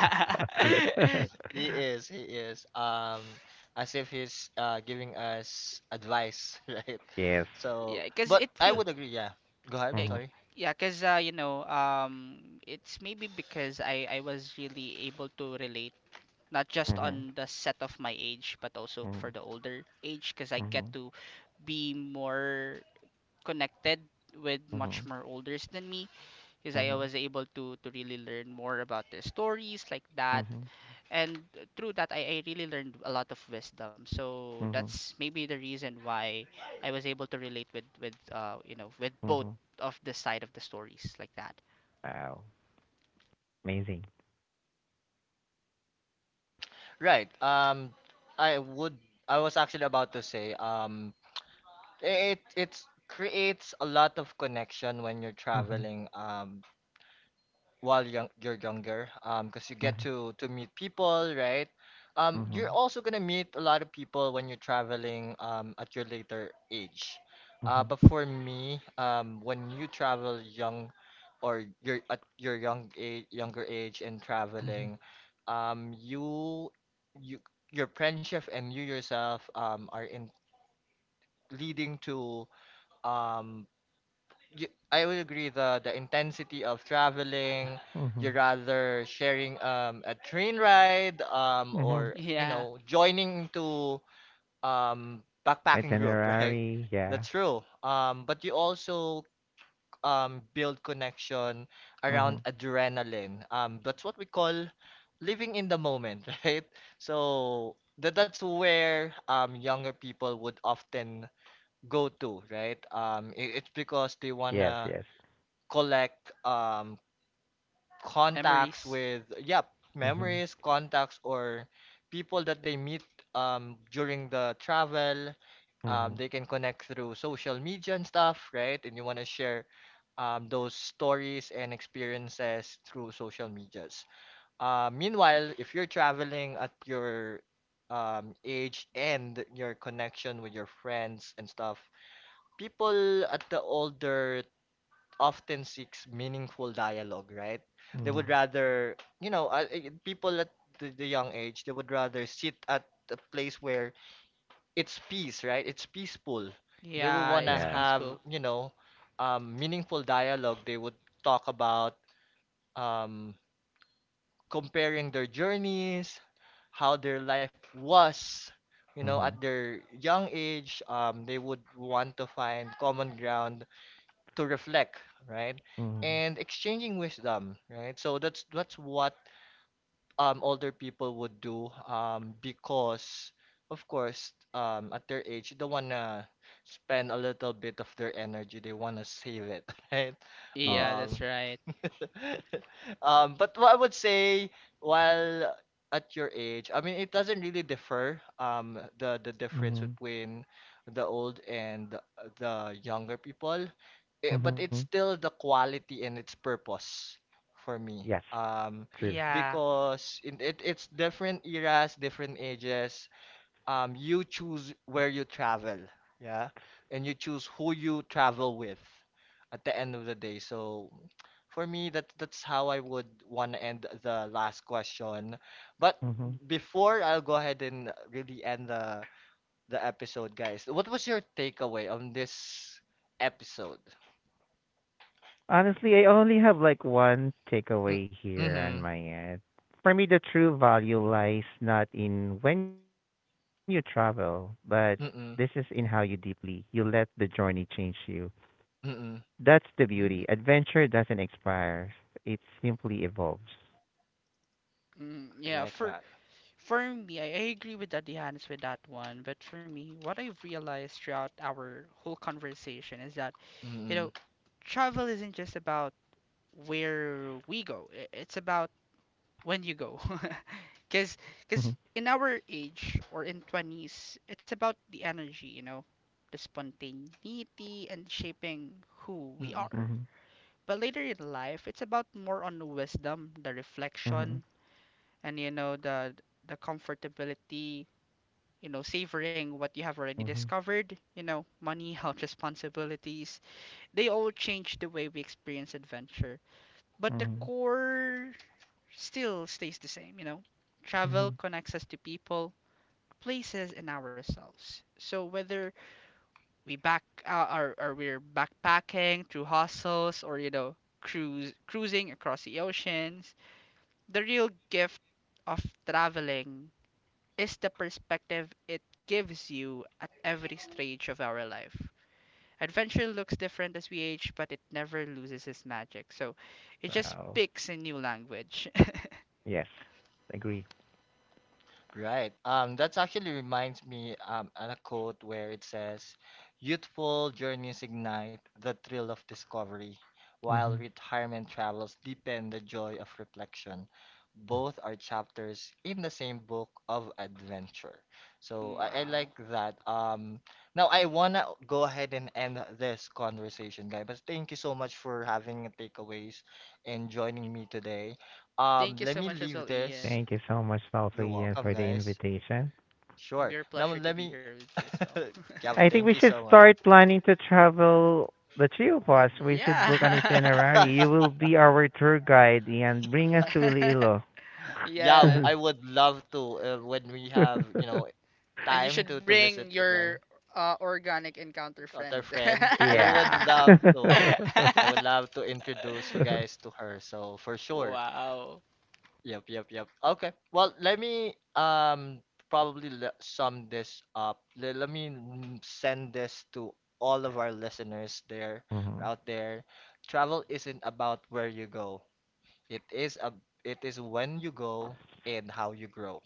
A: he
C: [laughs]
B: [laughs]
A: is. He is. As if he's giving us advice, [laughs] right?
C: Yes.
B: Yeah,
A: So,
B: because
A: but
B: it
A: I
B: feel,
A: would agree. Yeah. Go ahead.
B: eh,
C: Mhm.
A: Sorry.
B: yeah, because you know, it's maybe because I was really able to relate not just
C: Mhm.
B: on the set of my age, but also for
C: Mhm.
B: the older age, because I get
C: Mhm.
B: to be more connected with much
C: Mhm.
B: more olders than me, because I
C: Mhm.
B: was able to really learn more about their stories like that,
C: Mhm.
B: and through that I really learned a lot of wisdom, so
C: Mhm.
B: that's maybe the reason why I was able to relate with you know with both
C: Mhm.
B: of the side of the stories like that.
C: Wow. Amazing.
A: Right. I would. I was actually about to say. It creates a lot of connection when you're
C: Mhm.
A: traveling. While young, you're younger because you get
C: Mhm.
A: to meet people, right, you're
C: Mhm.
A: also gonna meet a lot of people when you're traveling at your later age.
C: Mhm.
A: But for me, when you travel young, or you're at your younger age and
C: Mhm.
A: traveling, um you you your friendship and you yourself are in leading to um you, I would agree the intensity of traveling, you're
C: Mhm.
A: rather sharing a train ride
C: Mhm.
A: or you
B: Yeah.
A: know joining to backpacking group, [laughs] right?
C: Itinerary. Yeah.
A: That's true. But you also build connection
C: Mhm.
A: around adrenaline. That's what we call living in the moment, [laughs] right? So that's where younger people would often go to, right? It's because they
C: Yes.
A: wanna
C: Yes.
A: collect contacts
B: Memories.
A: with yep,
C: Mhm.
A: memories, contacts, or people that they meet during the travel.
C: Mhm.
A: They can connect through social media and stuff, right, and you want to share those stories and experiences through social medias. Meanwhile, if you're traveling at your age and your connection with your friends and stuff, people at the older often seeks meaningful dialogue, right? They would
C: Mhm.
A: rather, you know, people at the young age, they would rather sit at a place where it's peace, right? It's peaceful. They would
B: Yeah,
A: want to
B: it's
C: Yeah.
A: have,
B: peaceful.
A: you know, meaningful dialogue. They would talk about um, comparing their journeys, how their life was, you know, at
C: Mhm.
A: their young age. They would want to find common ground to reflect, right?
C: Mhm.
A: And exchanging wisdom, right? So that's what older people would do because, of course, at their age they wanna spend a little bit of their energy, they wanna save it, [laughs] right?
B: Yeah,
C: Yes.
A: Um
B: that's right.
A: [laughs] But what I would say while at your age, I mean, it doesn't really differ. The difference
C: Mhm.
A: between the old and the the younger people, eh, but
C: Mhm.
A: it's still the quality and its purpose for me.
C: Yes.
A: Um,
C: True.
B: Yeah.
A: because in it's different eras, different ages, you choose where you travel, yeah, and you choose who you travel with at the end of the day. So for me, that's how I would want to end the last question. But
C: Mhm.
A: before I'll go ahead and really end the episode, guys, what was your takeaway on this episode?
C: Honestly, I only have like one
A: Mm,
C: takeaway here on
A: mm-hmm.
C: my end. For me, the true value lies not in when you travel, but this is in how
A: Mm-mm.
C: you deeply you let the journey change you.
A: Mm-mm.
C: That's the beauty.
A: Mm-mm.
C: Adventure doesn't expire; it simply evolves.
B: Mm,
A: I
B: yeah,
A: like that.
B: for me, I agree with that, Johannes, with that one. But for me, what I've realized throughout our whole conversation is that, you
A: Mm-mm.
B: know, travel isn't just about where we go, it's about when you go. [laughs]
C: Mhm.
B: Because in our age or in 20s, it's about the energy, you know, the spontaneity and shaping who we
A: Mm-mm.
B: are.
C: Mhm.
B: But later in life, it's about more on the wisdom, the reflection,
C: Mhm.
B: and you know, the comfortability, you know, savoring what you have already
C: Mhm.
B: discovered. You know, money, [laughs] health, responsibilities, they all change the way we experience adventure, but the
C: Mhm.
B: core still stays the same, you know. Travel
C: Mhm.
B: connects us to people, places, and ourselves. So whether we're backpacking through hostels or, you know, cruise cruising across the oceans, the real gift of traveling is the perspective it gives you at every stage of our life. Adventure looks different as we age, but it never loses its magic. So it just
C: Wow.
B: speaks a new language.
C: Yes, agree.
A: Right. That's actually reminds me on a quote where it says, "Youthful journeys ignite the thrill of discovery, while
C: Mhm.
A: retirement travels deepen the joy of reflection. Both are chapters in the same book of adventure." So
B: [laughs]
A: I like
B: Wow.
A: that. Now I wanna go ahead and end this conversation, guys. But thank you so much for having takeaways and joining me today.
B: Thank you
A: Let
B: so
A: me
B: much as
A: leave
B: well,
A: this.
B: Ian.
C: Thank you so much, also
A: You're
C: Ian, for
A: welcome,
C: the
A: guys.
C: invitation.
B: And
A: Sure.
B: we're
A: Now
B: pleasure to
A: let
B: be
A: me.
B: here with you as well.
A: [laughs] Yeah,
C: I think we
A: thank you
C: should
A: so much.
C: start planning to travel the three of us.
B: [laughs]
C: We should
B: Yeah.
C: book an itinerary.
A: [laughs]
C: You will be our tour guide and
B: [laughs]
C: bring us
B: Yeah.
C: to Iloilo.
B: [laughs]
A: Yeah,
B: Yeah.
A: I
C: [laughs]
A: would love to when we have, you know,
B: And you
A: time to
B: should
A: to visit
B: bring your
A: again,
B: organic encounter
A: Qatar
B: friend. [laughs]
A: friend. I would
C: Yeah.
A: love to.
C: [laughs]
A: I would love to introduce you guys to her. So for sure.
B: Wow.
A: Yep, yep, yep. Okay. Well, let me probably sum this up. Let me send this to all of our listeners there or
C: Mhm.
A: out there. Travel isn't about where you go. It is a it is when you go and how you grow.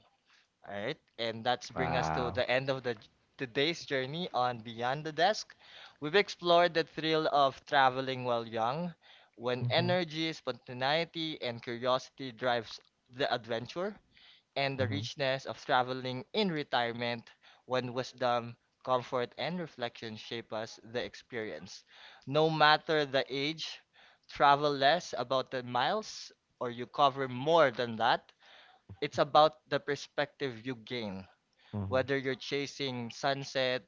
A: All right? And that's bring
B: Wow.
A: us to
C: Wow.
A: the end of the today's journey on Beyond the Desk. We've explored the thrill of traveling while young, when
C: Hmm.
A: energy, spontaneity, and curiosity drives the adventure, and the
C: Hmm.
A: richness of traveling in retirement when wisdom, comfort, and reflection shape us the experience. No matter the age, travel less about the miles or you cover more than that. It's about the perspective you gain,
C: Hmm.
A: whether you're chasing sunset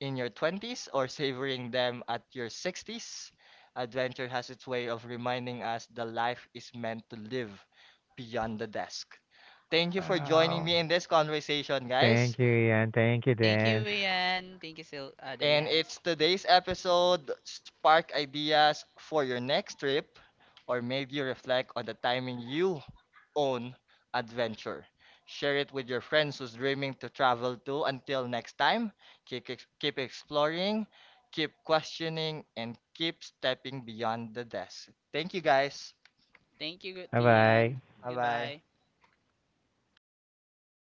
A: in your 20s or savoring them at your 60s. Adventure has its way of reminding us the life is meant to live beyond the desk. Thank you for joining
C: Wow.
A: me in this conversation,
C: Thank
A: guys.
C: you, Ian. Thank you,
B: Thank you,
C: Dance.
B: Ian. Thank you, Daddy
A: And
B: Hans.
A: it's today's episode spark ideas for your next trip, or maybe you reflect on the timing you own adventure. Share it with your friends who's dreaming to travel too. Until next time, keep, keep exploring, keep questioning, and keep stepping beyond the desk. Thank you, guys.
B: Thank you,
C: Bye bye.
B: Tian.
A: Bye bye.
B: Goodbye.